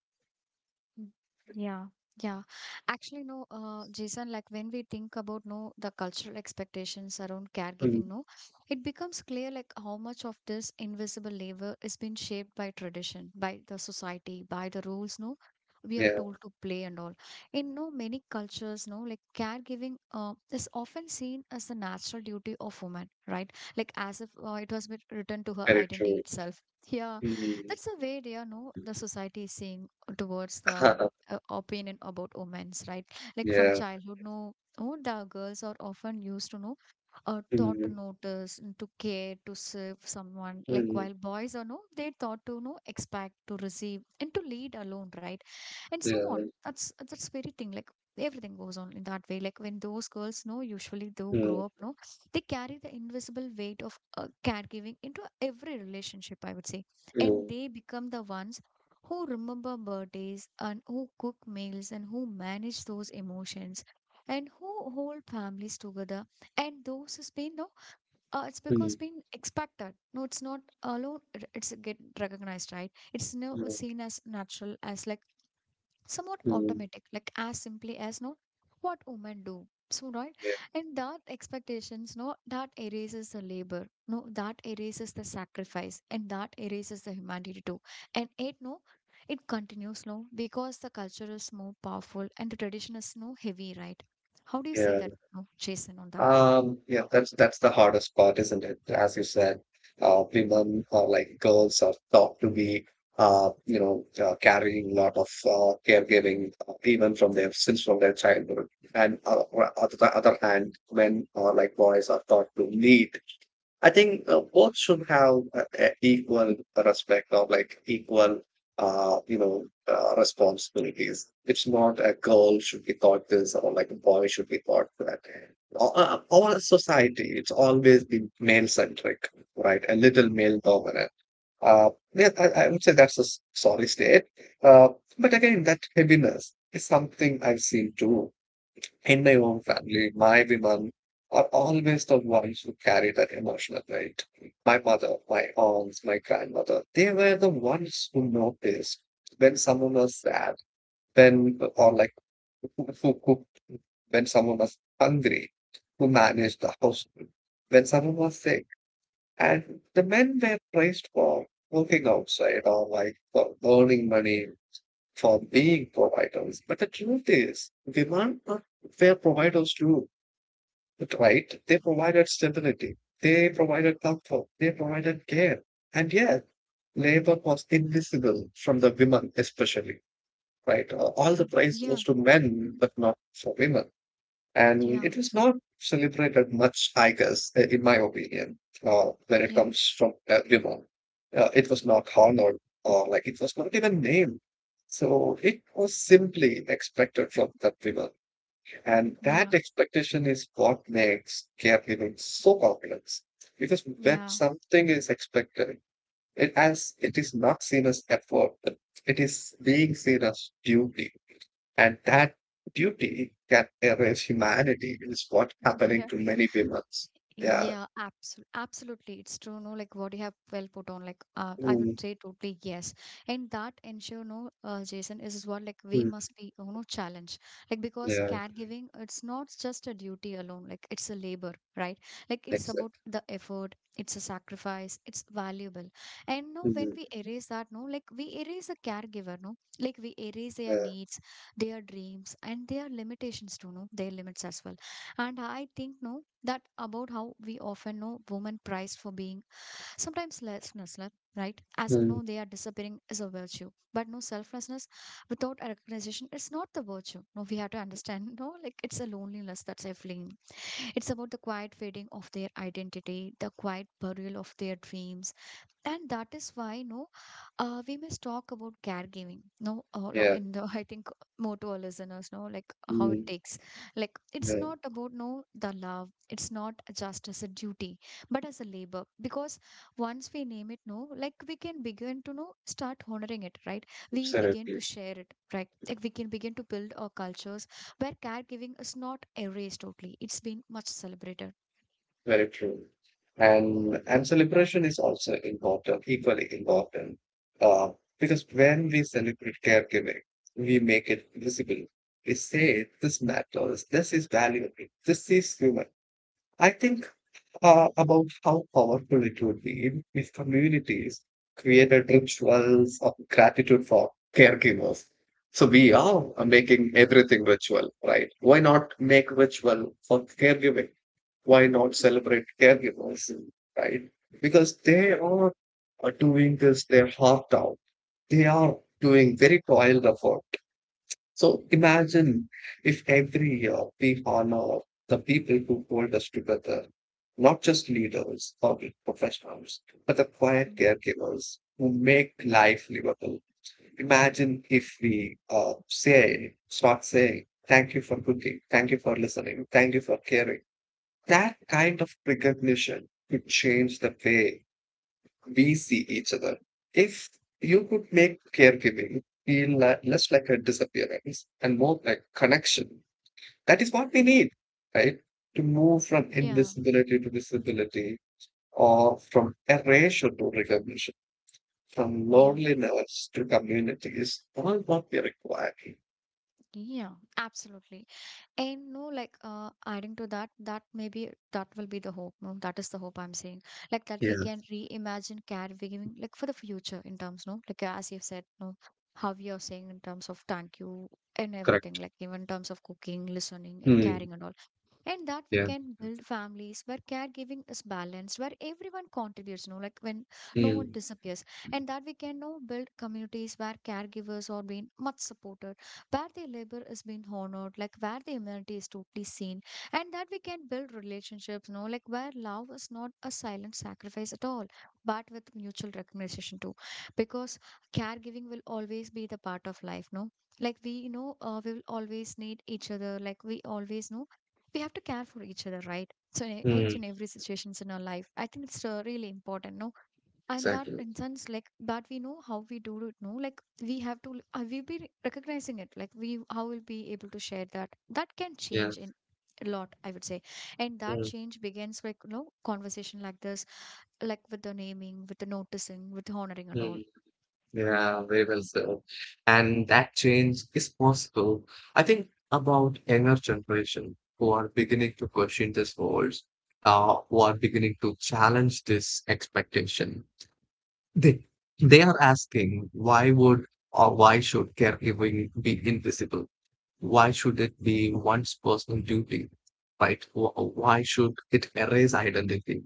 Speaker 1: Mm. Yeah, yeah. Actually, no, Jason, like when we think about no the cultural expectations around
Speaker 2: Mm,
Speaker 1: caregiving, no, it becomes clear like how much of this invisible labor is being shaped by tradition, by the society, by the rules, no, we are
Speaker 2: Yeah,
Speaker 1: told to play and all. In no many cultures, no, like caregiving is often seen as the natural duty of woman, right? Like as if it was written to her
Speaker 2: very
Speaker 1: identity
Speaker 2: true.
Speaker 1: itself. Yeah,
Speaker 2: Mhm.
Speaker 1: that's the way they are, no, the society is seeing towards the opinion about women's right, like from
Speaker 2: Yeah.
Speaker 1: childhood no, oh the girls are often used to know taught to
Speaker 2: Mhm.
Speaker 1: notice and to care to serve someone, like
Speaker 2: Mhm.
Speaker 1: while boys are no they taught to know expect to receive and to lead alone, right? And so on
Speaker 2: Yeah.
Speaker 1: that's very thing like everything goes on in that way, like when those girls know usually they grow up
Speaker 2: Mhm.
Speaker 1: no, they carry the invisible weight of caregiving into every relationship, I would say. And
Speaker 2: Mhm.
Speaker 1: they become the ones who remember birthdays and who cook meals and who manage those emotions and who hold families together, and those who's been no it's because
Speaker 2: Mhm.
Speaker 1: been expected no, it's not alone it's get recognized, right? It's now
Speaker 2: Mhm.
Speaker 1: seen as natural as like somewhat
Speaker 2: Mhm.
Speaker 1: automatic, like as simply as no what women do. So right,
Speaker 2: Yeah.
Speaker 1: and that expectations, no, that erases the labor, no, that erases the sacrifice, and that erases the humanity too. And it no, it continues no, because the culture is more powerful and the tradition is no heavy, right? How do you see that,
Speaker 2: Yeah.
Speaker 1: no, Jason, on that?
Speaker 2: Yeah, that's the hardest part, isn't it? As you said, women or like girls are taught to be, carrying a lot of caregiving, even from their since from their childhood. And on the other hand, men or like boys are taught to lead. I think both should have equal respect or like equal, responsibilities. It's not a girl should be taught this or like a boy should be taught that. Or, our society, it's always been male centric, right? A little male dominant. Yeah, I would say that's a sorry state. Uh, but again, that heaviness is something I've seen too. In my own family, my women are always the ones who carry that emotional weight. My mother, my aunts, my grandmother, they were the ones who noticed when someone was sad, when, or like, who cooked, when someone was hungry, who managed the household, when someone was sick. And the men were praised for working outside or like for earning money, for being providers. But the truth is, women are fair providers too, right? They provided stability, they provided comfort, they provided care. And yet, labor was invisible from the women, especially, right? All the praise
Speaker 1: Yeah,
Speaker 2: goes to men, but not for women. And
Speaker 1: yeah,
Speaker 2: it is not celebrated much, I guess, in my opinion, when it
Speaker 1: yeah,
Speaker 2: comes from women. It was not honored, or like it was not even named. So it was simply expected from that women. And that
Speaker 1: yeah,
Speaker 2: expectation is what makes caregiving so complex. Because when
Speaker 1: yeah,
Speaker 2: something is expected, it as it is not seen as effort, it is being seen as duty. And that duty can erase humanity is what happening
Speaker 1: yeah.
Speaker 2: to many women. Yeah.
Speaker 1: Yeah, absolutely. Absolutely. It's true. No, like what you have well put on, like, I would
Speaker 2: Mm,
Speaker 1: say totally yes. And that ensure, no, Jason, is what like we
Speaker 2: mm,
Speaker 1: must be, you know, challenge. Like, because
Speaker 2: yeah.
Speaker 1: caregiving, it's not just a duty alone, like, it's a labor, right? Like, it's about
Speaker 2: Exactly.
Speaker 1: the effort, it's a sacrifice, it's valuable. And no, when
Speaker 2: Mm,
Speaker 1: we erase that, no, like, we erase the caregiver, no, like, we erase their
Speaker 2: yeah.
Speaker 1: needs, their dreams, and their limitations too, no, their limits as well. And I think no that about how we often know women prized for being sometimes selflessness, right? As if
Speaker 2: Mm,
Speaker 1: no they are disappearing is a virtue. But no selflessness without a recognition it's not the virtue. No, we have to understand no, like it's a loneliness that's a fling. It's about the quiet fading of their identity, the quiet burial of their dreams, and that is why no we must talk about caregiving no
Speaker 2: yeah.
Speaker 1: in the I think more to our listeners know like how it
Speaker 2: Mm,
Speaker 1: takes, like it's
Speaker 2: yeah.
Speaker 1: not about no the love, it's not just as a duty but as a labor, because once we name it no like we can begin to know start honoring it, right? We begin to
Speaker 2: Absolutely.
Speaker 1: share it, right? Like we can begin to build our cultures where caregiving is not erased totally, it's been much celebrated.
Speaker 2: Very true. And celebration is also important, equally important. Uh, because when we celebrate caregiving, we make it visible. We say this matters, this is valuable, this is human. I think about how powerful it would be if communities created rituals of gratitude for caregivers. So we are making everything ritual, right? Why not make ritual for caregiving? Why not celebrate caregivers, right? Because they are doing this their heart out. They are doing very toiled effort. So imagine if every year we honor the people who hold us together, not just leaders or professionals, but the quiet
Speaker 1: Mm.
Speaker 2: caregivers who make life livable. Imagine if we say, start saying, thank you for cooking, thank you for listening, thank you for caring. That kind of recognition could change the way we see each other. If you could make caregiving feel less like a disappearance and more like connection, that is what we need, right? To move from
Speaker 1: Yeah,
Speaker 2: invisibility to visibility, or from erasure to recognition, from
Speaker 1: yeah.
Speaker 2: loneliness to community is all what we require.
Speaker 1: Yeah, absolutely. And no, like adding to that, that maybe that will be the hope. No, that is the hope I'm saying. Like that
Speaker 2: Yeah,
Speaker 1: we can reimagine caregiving, like for the future in terms, no, like as you've said, no, how you're saying in terms of thank you and everything,
Speaker 2: correct.
Speaker 1: like even in terms of cooking, listening, and
Speaker 2: Hmm.
Speaker 1: caring and all. And that we
Speaker 2: Yeah.
Speaker 1: can build families where caregiving is balanced, where everyone contributes no like when no one
Speaker 2: Hmm.
Speaker 1: disappears, and that we can now build communities where caregivers are being much supported, where their labor is being honored, like where the humanity is totally seen. And that we can build relationships no like where love is not a silent sacrifice at all but with mutual recognition too, because caregiving will always be the part of life no, like we know we will always need each other, like we always know we have to care for each other, right? So in each
Speaker 2: Mm,
Speaker 1: and every situations in our life I think it's really important no. And that
Speaker 2: exactly.
Speaker 1: in sense like that we know how we do it no, like we have to we be recognizing it, like we how we'll be able to share that, that can
Speaker 2: Yeah.
Speaker 1: change in a lot, I would say. And that
Speaker 2: Hmm.
Speaker 1: change begins like you know conversation like this, like with the naming, with the noticing, with the honoring and all.
Speaker 2: Mm. Yeah, very well said. And that change is possible. I think about younger generation who are beginning to question these roles, who are beginning to challenge this expectation. They they are asking why would or why should caregiving be invisible? Why should it be one's personal duty, right? Why should it erase identity?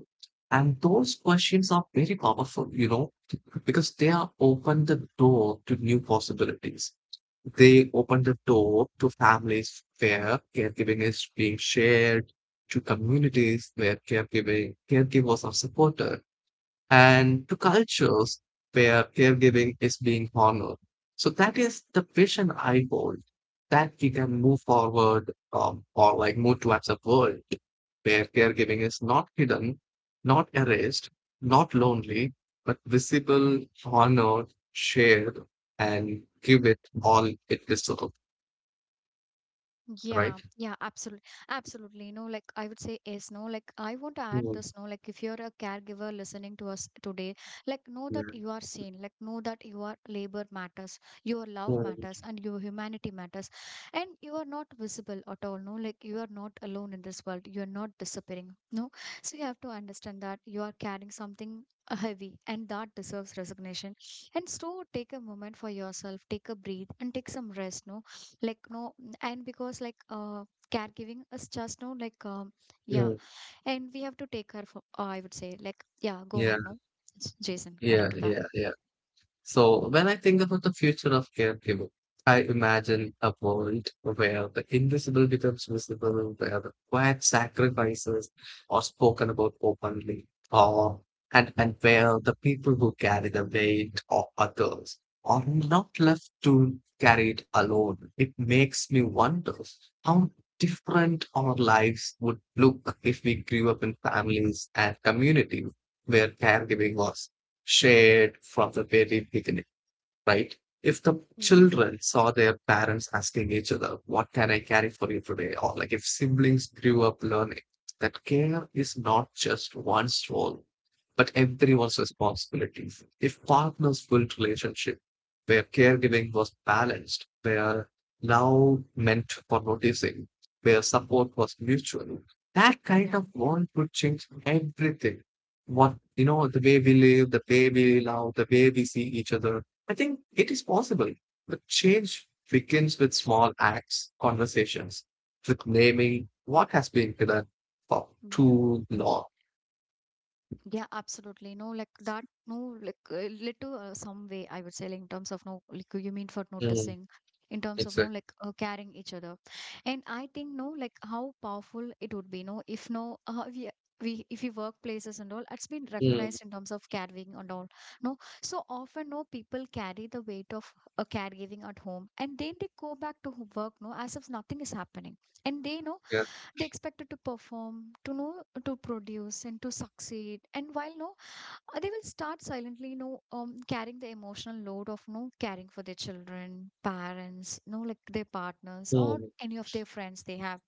Speaker 2: And those questions are very powerful, you know, because they are open the door to new possibilities. They open the door to families where caregiving is being shared, to communities where caregiving caregivers are supported and to cultures where caregiving is being honored. So that is the vision I hold, that we can move forward or like move towards a world where caregiving is not hidden, not erased, not lonely, but visible, honored, shared, and give it all it deserves,
Speaker 1: Yeah,
Speaker 2: right?
Speaker 1: yeah, absolutely. Absolutely. You know, like I would say is no, like I want to add
Speaker 2: Mm,
Speaker 1: this, no, like if you're a caregiver listening to us today, like know
Speaker 2: yeah,
Speaker 1: that you are seen, like know that your labor matters, your love matters, and your humanity matters. And you are not visible at all, no, like you are not alone in this world. You are not disappearing. No. So you have to understand that you are carrying something heavy, and that deserves resignation. And so take a moment for yourself, take a breathe and take some rest, no like no, and because like caregiving is just no like yeah.
Speaker 2: yeah,
Speaker 1: And we have to take her for I would say like yeah go
Speaker 2: yeah,
Speaker 1: on no. It's Jason adding
Speaker 2: yeah,
Speaker 1: to that.
Speaker 2: yeah, yeah. So, when I think about the future of caregiving, I imagine a world where the invisible becomes visible, where the quiet sacrifices are spoken about openly, or and where the people who carry the weight of others are not left to carry it alone. It makes me wonder how different our lives would look if we grew up in families and communities where caregiving was shared from the very beginning, right? If the
Speaker 1: Yeah.
Speaker 2: children saw their parents asking each other, what can I carry for you today? Or like if siblings grew up learning that care is not just one's role, but
Speaker 1: Mm.
Speaker 2: everyone's responsibility. If partners built relationship where caregiving was balanced, where love meant for noticing, where support was mutual, that kind
Speaker 1: Yeah,
Speaker 2: of bond could change everything. What you know, the way we live, the way we love, the way we see each other, I think it is possible, but change begins with small acts, conversations, with naming what has been hidden for
Speaker 1: yeah.
Speaker 2: too long.
Speaker 1: Yeah, absolutely. No, like that, no, like led some way, I would say, like in terms of no, like you mean for
Speaker 2: Mm,
Speaker 1: noticing, in terms of no,
Speaker 2: exactly.
Speaker 1: like caring each other. And I think, no, like how powerful it would be, no, if no, we, if we workplaces and all, it's been
Speaker 2: Mm,
Speaker 1: recognized in terms of caregiving and all. No, so often, no, people carry the weight of caregiving at home and then they go back to work, no, as if nothing is happening. And they, know
Speaker 2: yeah.
Speaker 1: they expected to perform, to know to produce and to succeed, and while no they will start silently, you know carrying the emotional load of no caring for their children parents no like their partners or
Speaker 2: Mm,
Speaker 1: any of their friends they have,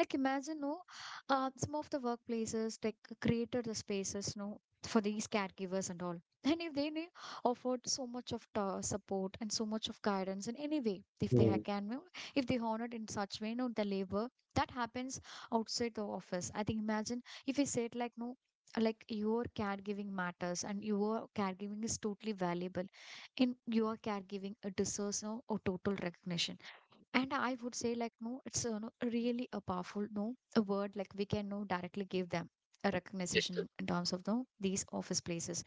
Speaker 1: like imagine, no, some of the workplaces like created the spaces, no, for these caregivers and all. And if they offered so much of support and so much of guidance in any way, if they
Speaker 2: mm,
Speaker 1: can, no, if they honored in such way, no, the labor that happens outside the office. I think imagine if we said like no, like your caregiving matters and your caregiving is totally valuable, in your caregiving it deserves no a total recognition. And I would say like no it's a, no, really a powerful no a word like we can no directly give them a recognition in terms of no these office places.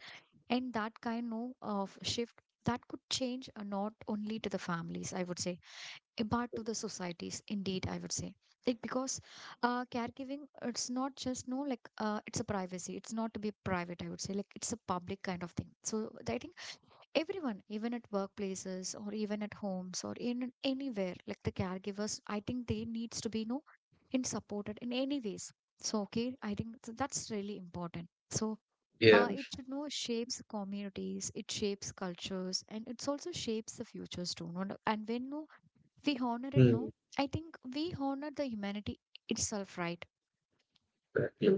Speaker 1: And that kind no of shift that could change not only to the families, I would say, eh, but to the societies indeed, I would say, like because caregiving it's not just no like it's a privacy, it's not to be private, I would say, like it's a public kind of thing. So I think everyone, even at workplaces or even at homes or in anywhere, like the caregivers I think they needs to be you know in supported in any ways. So okay I think that's really important. So
Speaker 2: yeah.
Speaker 1: it should know shapes communities, it shapes cultures and it's also shapes the futures too, no? No- and when no we honor it no,
Speaker 2: Mm,
Speaker 1: I think we honor the humanity itself, right?
Speaker 2: yeah.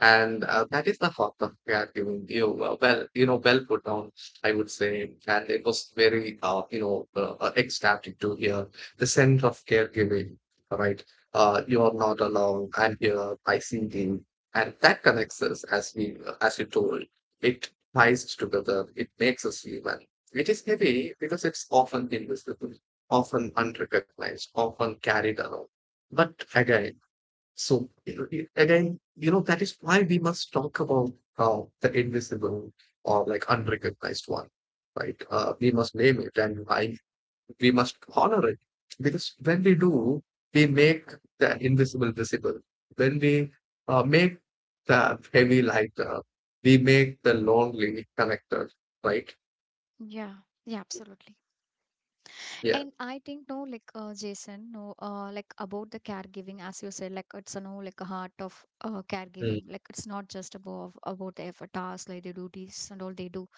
Speaker 2: And that is the thought of, yeah, you well, well, you know, well put down, I would say, and it was very, ecstatic to hear the sense of caregiving, right? You are not alone. I'm here. I see you, and that connects us, as we, as you told, it ties us together. It makes us human. It is heavy because it's often invisible, often unrecognized, often carried along. But again, so again, you know, that is why we must talk about the invisible or like unrecognized one, right? We must name it and I, we must honor it because when we do, we make the invisible visible. When we make the heavy lighter, we make the lonely connector, right?
Speaker 1: Yeah, yeah, absolutely.
Speaker 2: Yeah.
Speaker 1: And I think no, like Jason, no, like about the caregiving, as you said, like it's a no, like a heart of
Speaker 2: Mm,
Speaker 1: caregiving. Like it's not just about the effort, tasks, like the duties and all they do.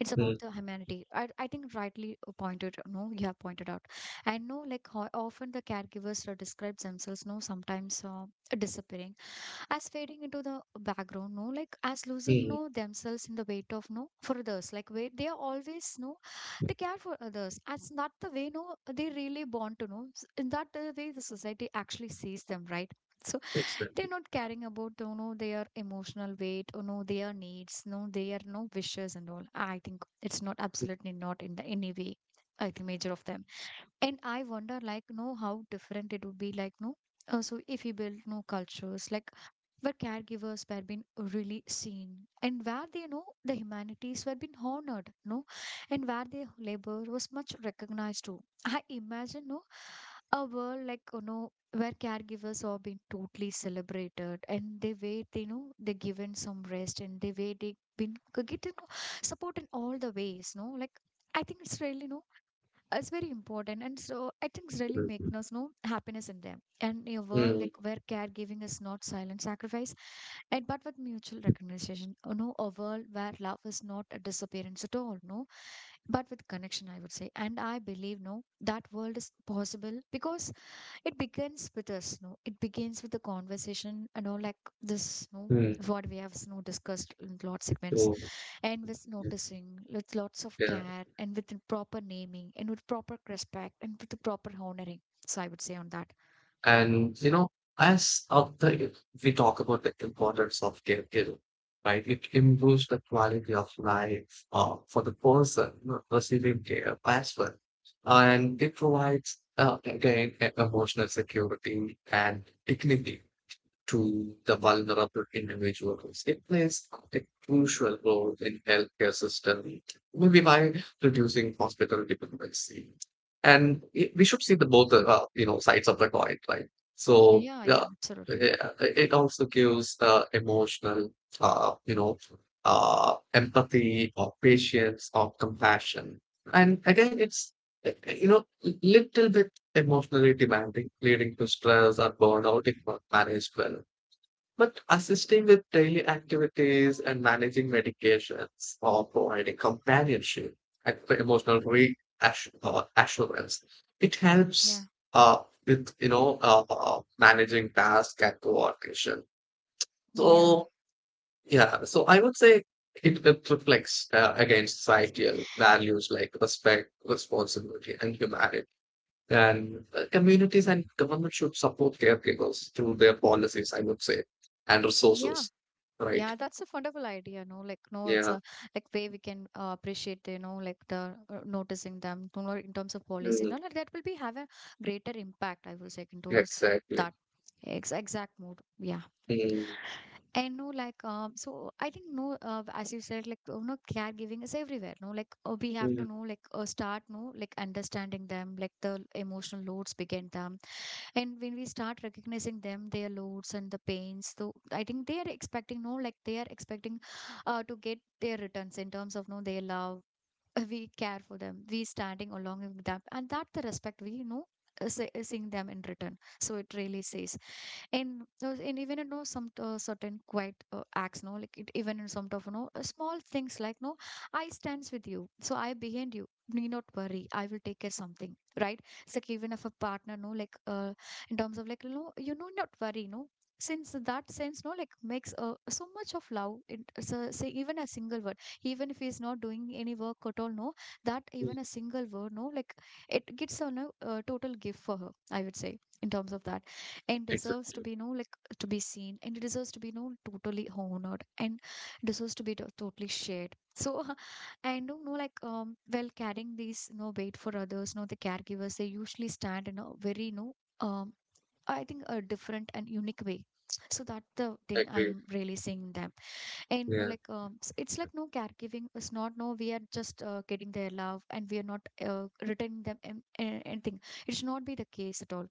Speaker 1: It's about
Speaker 2: mm,
Speaker 1: the humanity. I think rightly pointed. No, you have pointed out. I know, like how often the caregivers are describes themselves. No, sometimes disappearing as fading into the background, no, like as losing,
Speaker 2: mm.
Speaker 1: no, themselves in the weight of, no, for others, like wait, they are always, no, they care for others as not the way, no, they really want to know. In that way the society actually sees them, right? So they're
Speaker 2: Exactly.
Speaker 1: not caring about, you know, their emotional weight or, no, their needs, no, their, no, wishes and all. I think it's not, absolutely not in the any way, I think, major of them. And I wonder, like, no, how different it would be, like, no, so if we build, no, cultures like where caregivers were being really seen, and where they, you know, the humanities were being honored, no, and where their labor was much recognized too. I imagine, no, a world like, you know, where caregivers are being totally celebrated and they wait, you know, they given some rest and they wait they been getting support in all the ways, no, like. I think it's really, no, it's very important. And so I think it's really make
Speaker 2: Mm,
Speaker 1: us know happiness in them, and in a world
Speaker 2: mm,
Speaker 1: like where caregiving is not silent sacrifice, and but with mutual recognition, you know, a world where love is not a disappearance at all, no, but with connection, I would say. And I believe, no, that world is possible because it begins with us, no, it begins with the conversation and all like this, no, what we have, you know, discussed in lot segments.
Speaker 2: mm.
Speaker 1: And with noticing, with lots of
Speaker 2: Yeah.
Speaker 1: care, and with the proper naming, and with proper respect, and with the proper honoring. So I would say on that.
Speaker 2: And you know, as after if we talk about the importance of caregiving, right? It improves the quality of life for the person receiving care as well, and it provides again emotional security and dignity to the vulnerable individuals. It plays a crucial role in healthcare system, maybe by reducing hospital dependency. And it, we should see the both sides of the coin, right? So yeah,
Speaker 1: Yeah, absolutely.
Speaker 2: yeah, it also gives the emotional uh, you know empathy or patience or compassion. And again, it's uh, you know little bit emotionally demanding, leading to stress and burnout if not managed well. But assisting with daily activities and managing medications or providing companionship and the emotional reassurance, it
Speaker 1: Yeah,
Speaker 2: helps uh, with you know managing task and coordination.
Speaker 1: yeah,
Speaker 2: So yeah, so I would say it, it reflects against societal values like respect, responsibility, and humanity. And communities and government should support caregivers through their policies, I would say, and
Speaker 1: yeah.
Speaker 2: resources. Right.
Speaker 1: Yeah, that's a wonderful idea, no? Like, no, it's
Speaker 2: Yeah.
Speaker 1: a like way we can appreciate, you know, like the noticing them, you know, in terms of policy,
Speaker 2: Mm,
Speaker 1: no, like that will be have a greater impact. I will say in towards
Speaker 2: exactly.
Speaker 1: that ex exact mood. Yeah.
Speaker 2: Mm,
Speaker 1: I know, like, so I think, no, as you said, like, you know, caregiving is everywhere, no, like, we have to
Speaker 2: mm,
Speaker 1: know, like, start, no, like, understanding them, like, the emotional loads begin them. And when we start recognizing them, their loads and the pains, so I think they are expecting, no, like, they are expecting to get their returns in terms of, no, their love. We care for them, we standing along with them, and that the respect we, you know, seeing them in return. So it really says in those in even you know, some certain quiet acts, no, like it, even in some of, you know, small things like, no, I stands with you, so I behind you, need not worry, I will take care something, right? It's like even if a partner, no, like, in terms of like, no, you know, not worry, no, since that sense, no, like makes so much of love. It so, say even a single word, even if he's not doing any work at all, no, that
Speaker 2: mm,
Speaker 1: even a single word, no, like it gets a, no, total gift for her, I would say, in terms of that. And deserves to
Speaker 2: exactly.
Speaker 1: be you, like to be seen, and it deserves to be you totally honored, and deserves to be totally shared. So and you know, like, while carrying these, no, weight for others. No, the caregivers they usually stand in a very, no, um I think a different and unique way. So that's the
Speaker 2: I
Speaker 1: thing
Speaker 2: agree.
Speaker 1: I'm really seeing them. And no,
Speaker 2: Yeah.
Speaker 1: like, it's like, no, caregiving is not, no, we are just getting their love and we are not returning them anything. It should not be the case at all,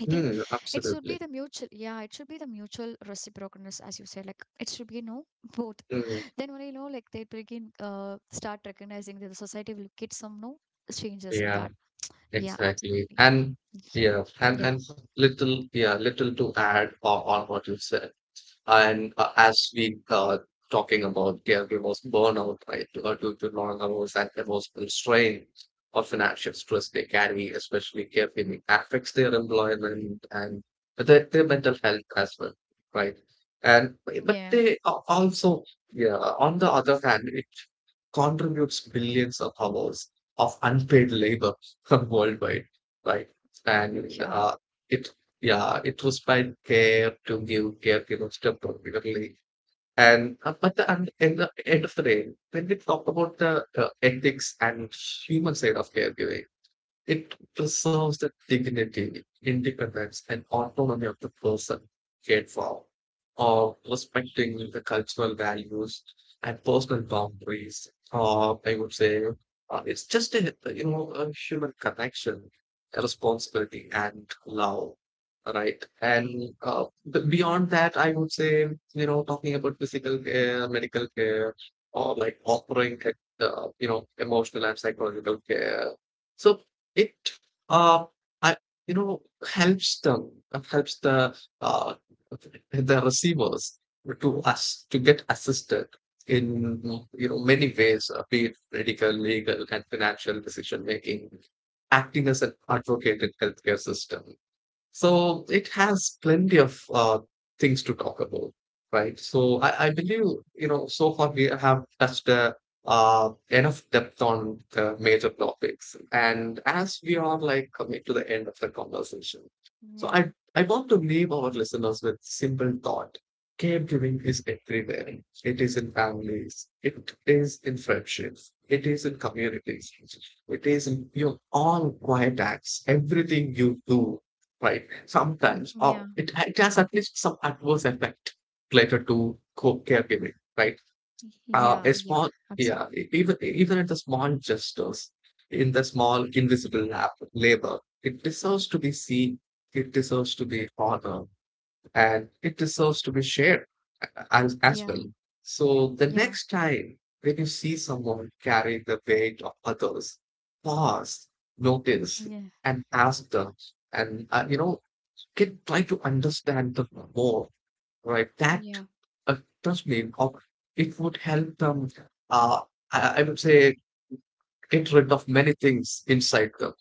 Speaker 1: I think.
Speaker 2: Mm,
Speaker 1: It should
Speaker 2: absolutely.
Speaker 1: be the mutual, yeah, it should be the mutual reciprocalness, as you said. Like it should be no both.
Speaker 2: Mm,
Speaker 1: Then only, you know, like they begin start recognizing that the society will get some, no, changes in
Speaker 2: yeah.
Speaker 1: that. Yeah,
Speaker 2: Exactly.
Speaker 1: absolutely.
Speaker 2: And yeah. And
Speaker 1: Yeah,
Speaker 2: and little. Yeah. Little to add on what you said. And as we talking about caregivers burnout, right, due to long hours and emotional strain or financial stress they carry, especially caregiving affects their employment and their mental health as well, right? And but
Speaker 1: yeah,
Speaker 2: they are also, yeah, on the other hand, it contributes billions of hours of unpaid labor worldwide, right? And
Speaker 1: yeah,
Speaker 2: it, yeah, it was by care to give care, you know, step particularly. And but the, and in the end of the day, when we talk about the ethics and human side of caregiving, it preserves the dignity, independence, and autonomy of the person cared for, or respecting the cultural values and personal boundaries. Or I would say it's just a you know a human connection, a responsibility, and love. Right, and
Speaker 1: yeah,
Speaker 2: beyond that, I would say you know talking about physical care, medical care, or like offering you know emotional and psychological care. So it, uh, I you know, helps them, helps uh, the receivers to us to get assisted in you know many ways, be it medical, legal, and financial decision making, acting as an advocate in healthcare system. So it has plenty of things to talk about, right? So I believe, you know, so far we have touched enough depth on the major topics. And as we are like coming to the end of the conversation, so
Speaker 1: yeah,
Speaker 2: I want to leave our listeners with simple thought. Caregiving is everywhere. It is in families. It is in friendships. It is in communities. It is in your all quiet acts. Everything you do, right? Sometimes, or
Speaker 1: yeah,
Speaker 2: it has at least some adverse effect related to co caregiving, right?
Speaker 1: yeah,
Speaker 2: A
Speaker 1: yeah,
Speaker 2: small,
Speaker 1: absolutely.
Speaker 2: yeah, even even at the small gestures, in the small invisible labor, it deserves to be seen, it deserves to be honored, and it deserves to be shared as
Speaker 1: Yeah,
Speaker 2: well. So the
Speaker 1: yeah,
Speaker 2: next time when you see someone carrying the weight of others, pause, notice,
Speaker 1: yeah,
Speaker 2: and ask them, and you know can try to understand them more, right? That,
Speaker 1: yeah,
Speaker 2: uh, trust me, it would help them, uh, I would say, get rid of many things inside them.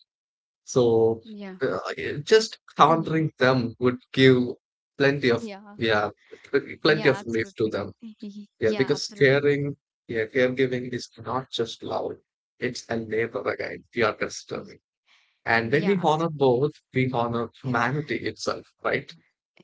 Speaker 2: So
Speaker 1: yeah,
Speaker 2: just
Speaker 1: y-
Speaker 2: countering them would give plenty of,
Speaker 1: yeah,
Speaker 2: yeah, plenty
Speaker 1: yeah,
Speaker 2: of relief to
Speaker 1: absolutely.
Speaker 2: them. Yeah,
Speaker 1: Yeah,
Speaker 2: because
Speaker 1: absolutely.
Speaker 2: caring, yeah, caregiving is not just love, it's a labor again, we are
Speaker 1: Y-
Speaker 2: disturbing. And when we
Speaker 1: Yeah,
Speaker 2: honor both, we honor
Speaker 1: absolutely.
Speaker 2: humanity itself, right?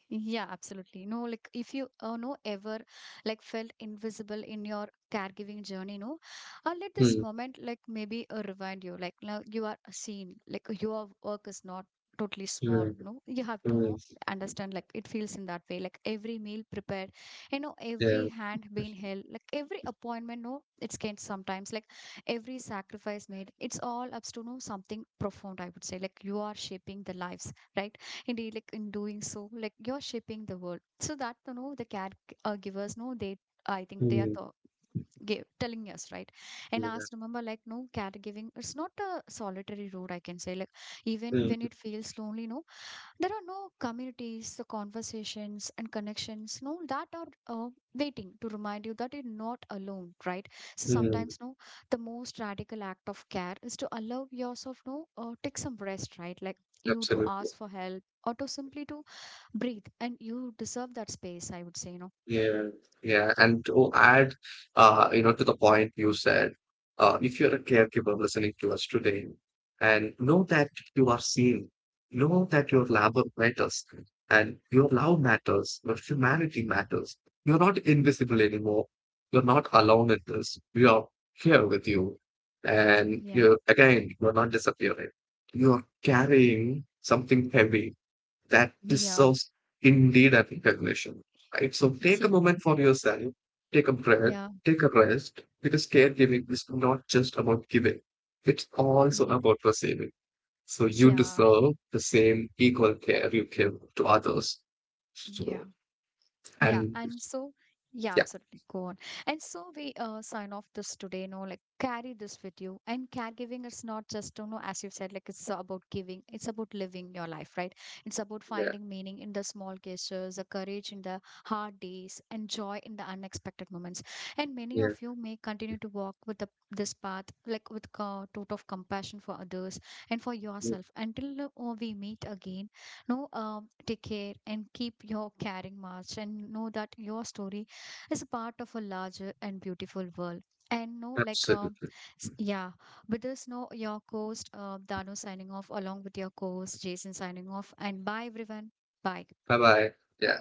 Speaker 1: Yeah, absolutely. No, like if you no ever like felt invisible in your caregiving journey, no, let this moment like maybe remind you, like now you are seen, like your work is not totally small.
Speaker 2: Hmm.
Speaker 1: No, you have to
Speaker 2: Mm,
Speaker 1: know understand like it feels in that way. Like every meal prepared, you know,
Speaker 2: yeah.
Speaker 1: every hand being held, like every appointment, no, it's can sometimes like every sacrifice made. It's all up to, no, something profound. I would say, like you are shaping the lives, right? Indeed, like in doing so, like you're shaping the world. So that, you know, the care givers know they. I think they are
Speaker 2: Mm,
Speaker 1: the, give, telling us right, and
Speaker 2: yeah.
Speaker 1: us remember like, no, caregiving. It's not a solitary road, I can say. Like even
Speaker 2: Mm,
Speaker 1: when it feels lonely, no, there are no communities, the conversations and connections, no, that are waiting to remind you that you're not alone, right? So
Speaker 2: mm,
Speaker 1: sometimes, no, the most radical act of care is to allow yourself, no, take some rest, right? Like you to
Speaker 2: absolutely.
Speaker 1: ask for help, or to simply to breathe, and you deserve that space, I would say, you know.
Speaker 2: Yeah, yeah. And to add, you know, to the point you said, if you're a caregiver listening to us today, and know that you are seen, know that your labor matters, and your love matters, your humanity matters. You're not invisible anymore. You're not alone in this. We are here with you. And
Speaker 1: Yeah,
Speaker 2: you're, again, you're not disappearing. You're carrying something heavy that
Speaker 1: yeah,
Speaker 2: deserves indeed a recognition, right? So take a moment for yourself, take a breath,
Speaker 1: Yeah.
Speaker 2: take a rest, because caregiving is not just about giving, it's also
Speaker 1: yeah,
Speaker 2: about receiving. So you
Speaker 1: yeah.
Speaker 2: deserve the same equal care you give to others.
Speaker 1: Yeah.
Speaker 2: So,
Speaker 1: Yeah,
Speaker 2: and
Speaker 1: and so yeah,
Speaker 2: yeah,
Speaker 1: absolutely. Go on. And so we sign off this today, you know, like carry this with you. And caregiving is not just, you know, as you said, like it's about giving, it's about living your life, right? It's about
Speaker 2: yeah,
Speaker 1: finding meaning in the small gestures, the courage in the hard days, and joy in the unexpected moments. And many
Speaker 2: yeah,
Speaker 1: of you may continue to walk with the, this path, like with a tote of compassion for others and for
Speaker 2: yeah,
Speaker 1: yourself until we meet again, no, take care and keep your caring march, and know that your story is a part of a larger and beautiful world. And no, like,
Speaker 2: absolutely.
Speaker 1: yeah, with this, no, your host, Dano, signing off along with your co host, Jason, signing off. And bye, everyone. Bye.
Speaker 2: Bye bye. Yeah.